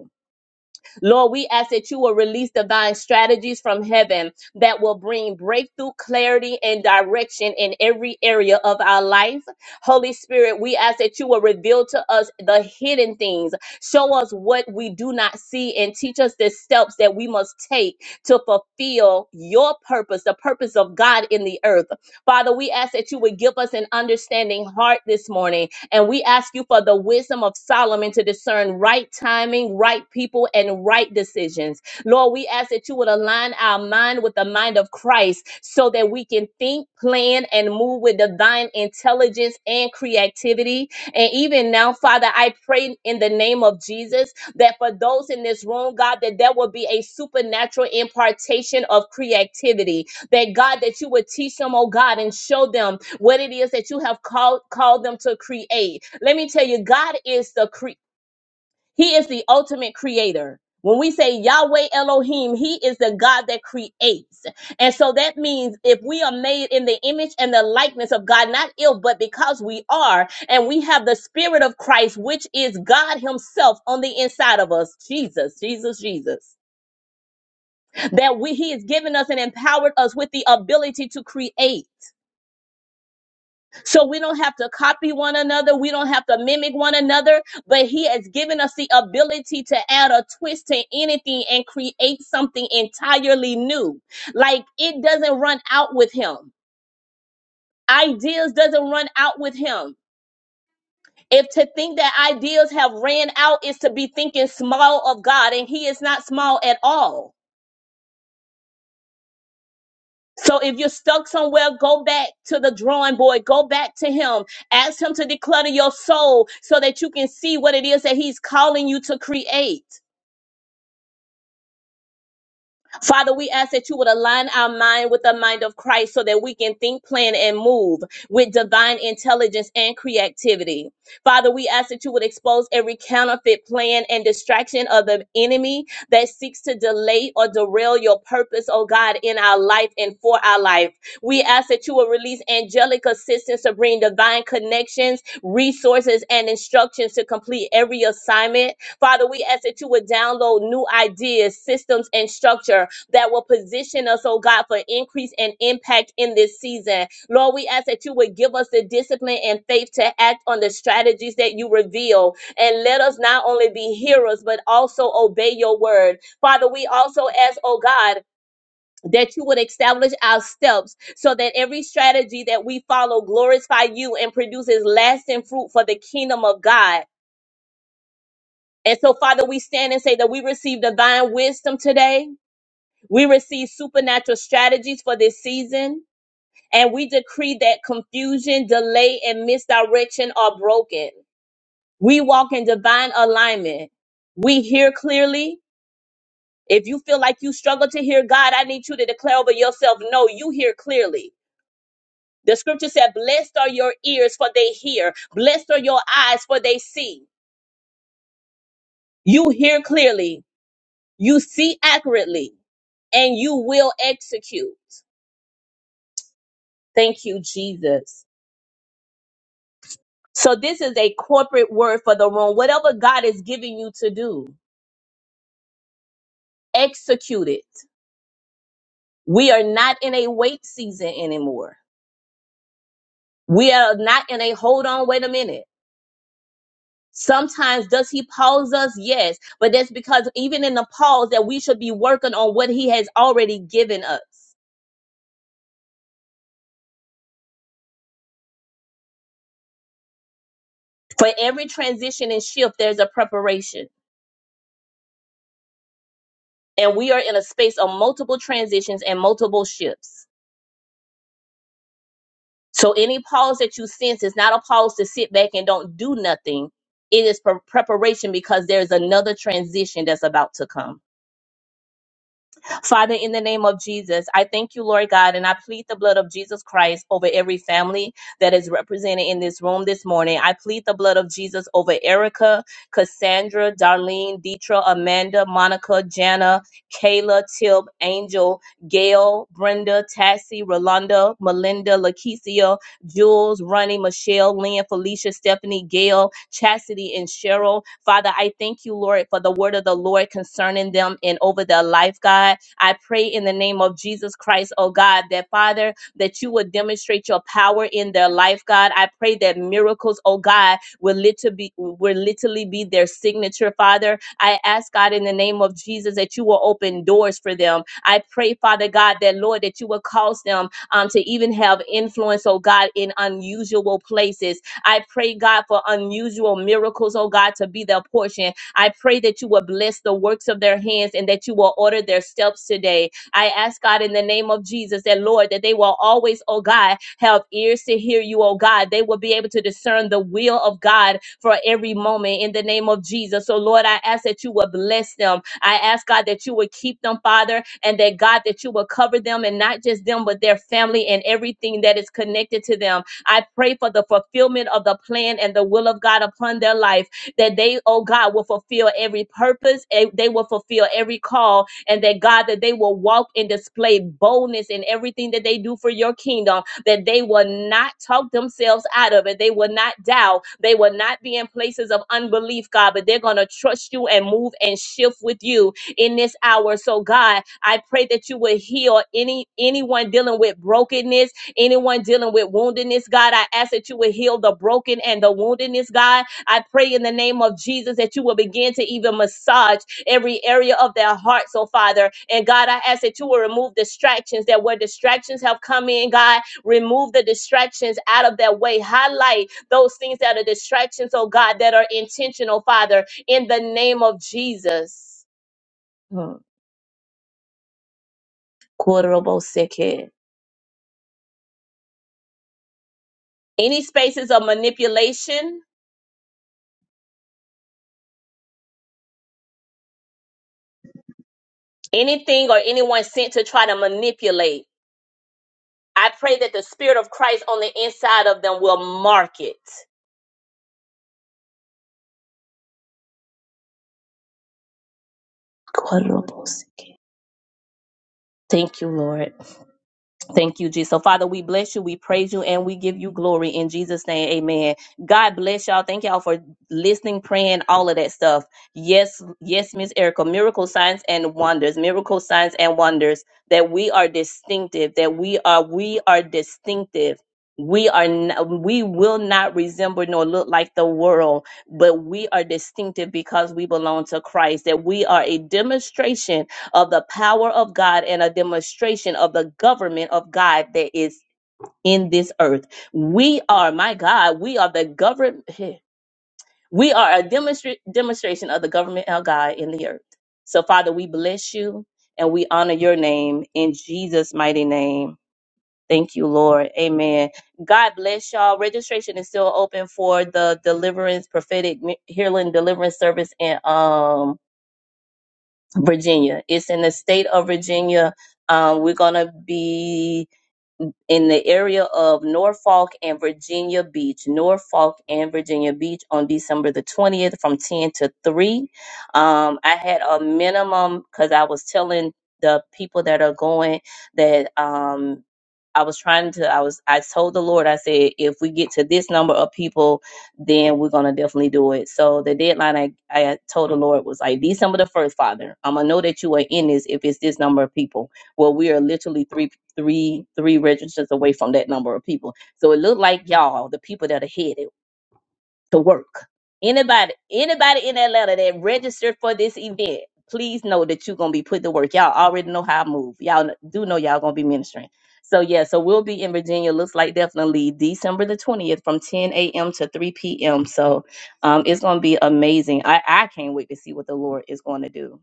Speaker 2: Lord, we ask that you will release divine strategies from heaven that will bring breakthrough, clarity, and direction in every area of our life. Holy Spirit, we ask that you will reveal to us the hidden things. Show us what we do not see and teach us the steps that we must take to fulfill your purpose, the purpose of God in the earth. Father, we ask that you would give us an understanding heart this morning and we ask you for the wisdom of Solomon to discern right timing, right people, and right decisions. Lord, we ask that you would align our mind with the mind of Christ so that we can think, plan, and move with divine intelligence and creativity. And even now, Father, I pray in the name of Jesus that for those in this room, God, that there will be a supernatural impartation of creativity. That God, that you would teach them, oh God, and show them what it is that you have called called them to create. Let me tell you, God is the cre- He is the ultimate creator. When we say Yahweh Elohim, He is the God that creates. And so that means if we are made in the image and the likeness of God, not ill, but because we are, and we have the Spirit of Christ, which is God Himself on the inside of us, Jesus, Jesus, Jesus, that we, He has given us and empowered us with the ability to create. So we don't have to copy one another. We don't have to mimic one another, but he has given us the ability to add a twist to anything and create something entirely new. Like it doesn't run out with him. Ideas doesn't run out with him. If to think that ideas have ran out is to be thinking small of God and he is not small at all. So if you're stuck somewhere, go back to the drawing board. Go back to him. Ask him to declutter your soul so that you can see what it is that he's calling you to create. Father, we ask that you would align our mind with the mind of Christ so that we can think, plan, and move with divine intelligence and creativity. Father, we ask that you would expose every counterfeit plan and distraction of the enemy that seeks to delay or derail your purpose, oh God, in our life and for our life. We ask that you will release angelic assistance to bring divine connections, resources, and instructions to complete every assignment. Father, we ask that you would download new ideas, systems, and structure that will position us, oh God, for increase and impact in this season. Lord, we ask that you would give us the discipline and faith to act on the strategies that you reveal. And let us not only be hearers, but also obey your word. Father, we also ask, oh God, that you would establish our steps so that every strategy that we follow glorify you and produces lasting fruit for the kingdom of God. And so, Father, we stand and say that we receive divine wisdom today we receive supernatural strategies for this season, and we decree that confusion, delay, and misdirection are broken. We walk in divine alignment. We hear clearly. If you feel like you struggle to hear God, I need you to declare over yourself, no, you hear clearly. The scripture said, Blessed are your ears, for they hear. Blessed are your eyes, for they see. You hear clearly. You see accurately, and you will execute. Thank you, Jesus. So this is a corporate word for the room. Whatever God is giving you to do, execute it. We are not in a wait season anymore. We are not in a hold on, wait a minute. Sometimes does he pause us? Yes, but that's because even in the pause that we should be working on what he has already given us. For every transition and shift, there's a preparation. And we are in a space of multiple transitions and multiple shifts. So any pause that you sense is not a pause to sit back and don't do nothing. It is pre- preparation because there's another transition that's about to come. Father, in the name of Jesus, I thank you, Lord God, and I plead the blood of Jesus Christ over every family that is represented in this room this morning. I plead the blood of Jesus over Erica, Cassandra, Darlene, Deetra, Amanda, Monica, Jana, Kayla, Tib, Angel, Gail, Brenda, Tassie, Rolanda, Melinda, Lakeisha, Jules, Ronnie, Michelle, Lynn, Felicia, Stephanie, Gail, Chastity, and Cheryl. Father, I thank you, Lord, for the word of the Lord concerning them and over their life, God. I pray in the name of Jesus Christ, oh God, that Father, that you would demonstrate your power in their life, God. I pray that miracles, oh God, will literally be, will literally be their signature, Father. I ask God in the name of Jesus that you will open doors for them. I pray, Father God, that Lord, that you will cause them um, to even have influence, oh God, in unusual places. I pray, God, for unusual miracles, oh God, to be their portion I pray that you will bless the works of their hands and that you will order their steps today. I ask God in the name of Jesus that, Lord, that they will always, oh God, have ears to hear you, oh God. They will be able to discern the will of God for every moment in the name of Jesus. So, Lord, I ask that you will bless them. I ask, God, that you would keep them, Father, and that, God, that you will cover them and not just them, but their family and everything that is connected to them. I pray for the fulfillment of the plan and the will of God upon their life that they, oh God, will fulfill every purpose, eh, they will fulfill every call, and that God, that they will walk and display boldness in everything that they do for your kingdom, that they will not talk themselves out of it, they will not doubt, they will not be in places of unbelief, God, but they're going to trust you and move and shift with you in this hour. So, God, I pray that you would heal any anyone dealing with brokenness anyone dealing with woundedness, God, I ask that you would heal the broken and the woundedness, God. I pray in the name of Jesus that you will begin to even massage every area of their hearts, oh Father. And God, I ask that you will remove distractions that where distractions have come in, God, remove the distractions out of their way. Highlight those things that are distractions, oh God, that are intentional, Father, in the name of Jesus. Hmm. Korobo seke. Any spaces of manipulation, anything or anyone sent to try to manipulate. I pray that the Spirit of Christ on the inside of them will mark it. Thank you, Lord. Thank you, Jesus. So, Father, we bless you, we praise you, and we give you glory in Jesus' name. Amen. God bless y'all. Thank y'all for listening, praying, all of that stuff. Yes, yes, Miss Erica. Miracle signs and wonders. Miracle signs and wonders. That we are distinctive. That we are we are distinctive. We are n- we will not resemble nor look like the world, but we are distinctive because we belong to Christ. That we are a demonstration of the power of God and a demonstration of the government of God that is in this earth. We are, my God, we are the government. We are a demonstra- demonstration of the government of God in the earth. So, Father, we bless you and we honor your name in Jesus' mighty name. Thank you, Lord. Amen. God bless y'all. Registration is still open for the deliverance, prophetic healing deliverance service in um Virginia. It's in the state of Virginia. Um, we're going to be in the area of Norfolk and Virginia Beach, Norfolk and Virginia Beach on December the 20th from 10 to 3. Um, I had a minimum because I was telling the people that are going that. Um, I was trying to I was I told the Lord I said if we get to this number of people then we're gonna definitely do it. So the deadline I, I told the Lord was like December the first, Father. I'm gonna know that you are in this if it's this number of people. Well we are literally three three three registers away from that number of people. So it looked like y'all, the people that are headed to work. Anybody, anybody in Atlanta that registered for this event, please know that you're gonna be put to work. Y'all already know how I move. Y'all kn- do know y'all gonna be ministering. So yeah, so we'll be in Virginia. Looks like definitely December the 20th from 10 a.m. to 3 p.m. So um, it's gonna be amazing. I I can't wait to see what the Lord is going to do.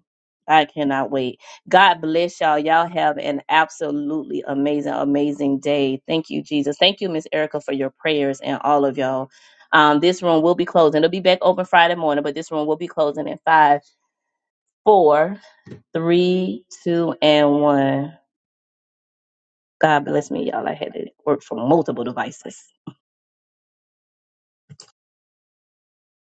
Speaker 2: I cannot wait. God bless y'all. Y'all have an absolutely amazing, amazing day. Thank you, Jesus. Thank you, Miss Erica, for your prayers and all of y'all. Um, this room will be closing. It'll be back open Friday morning, but this room will be closing in five, four, three, two, and one. God bless me, y'all. I had to work from multiple devices.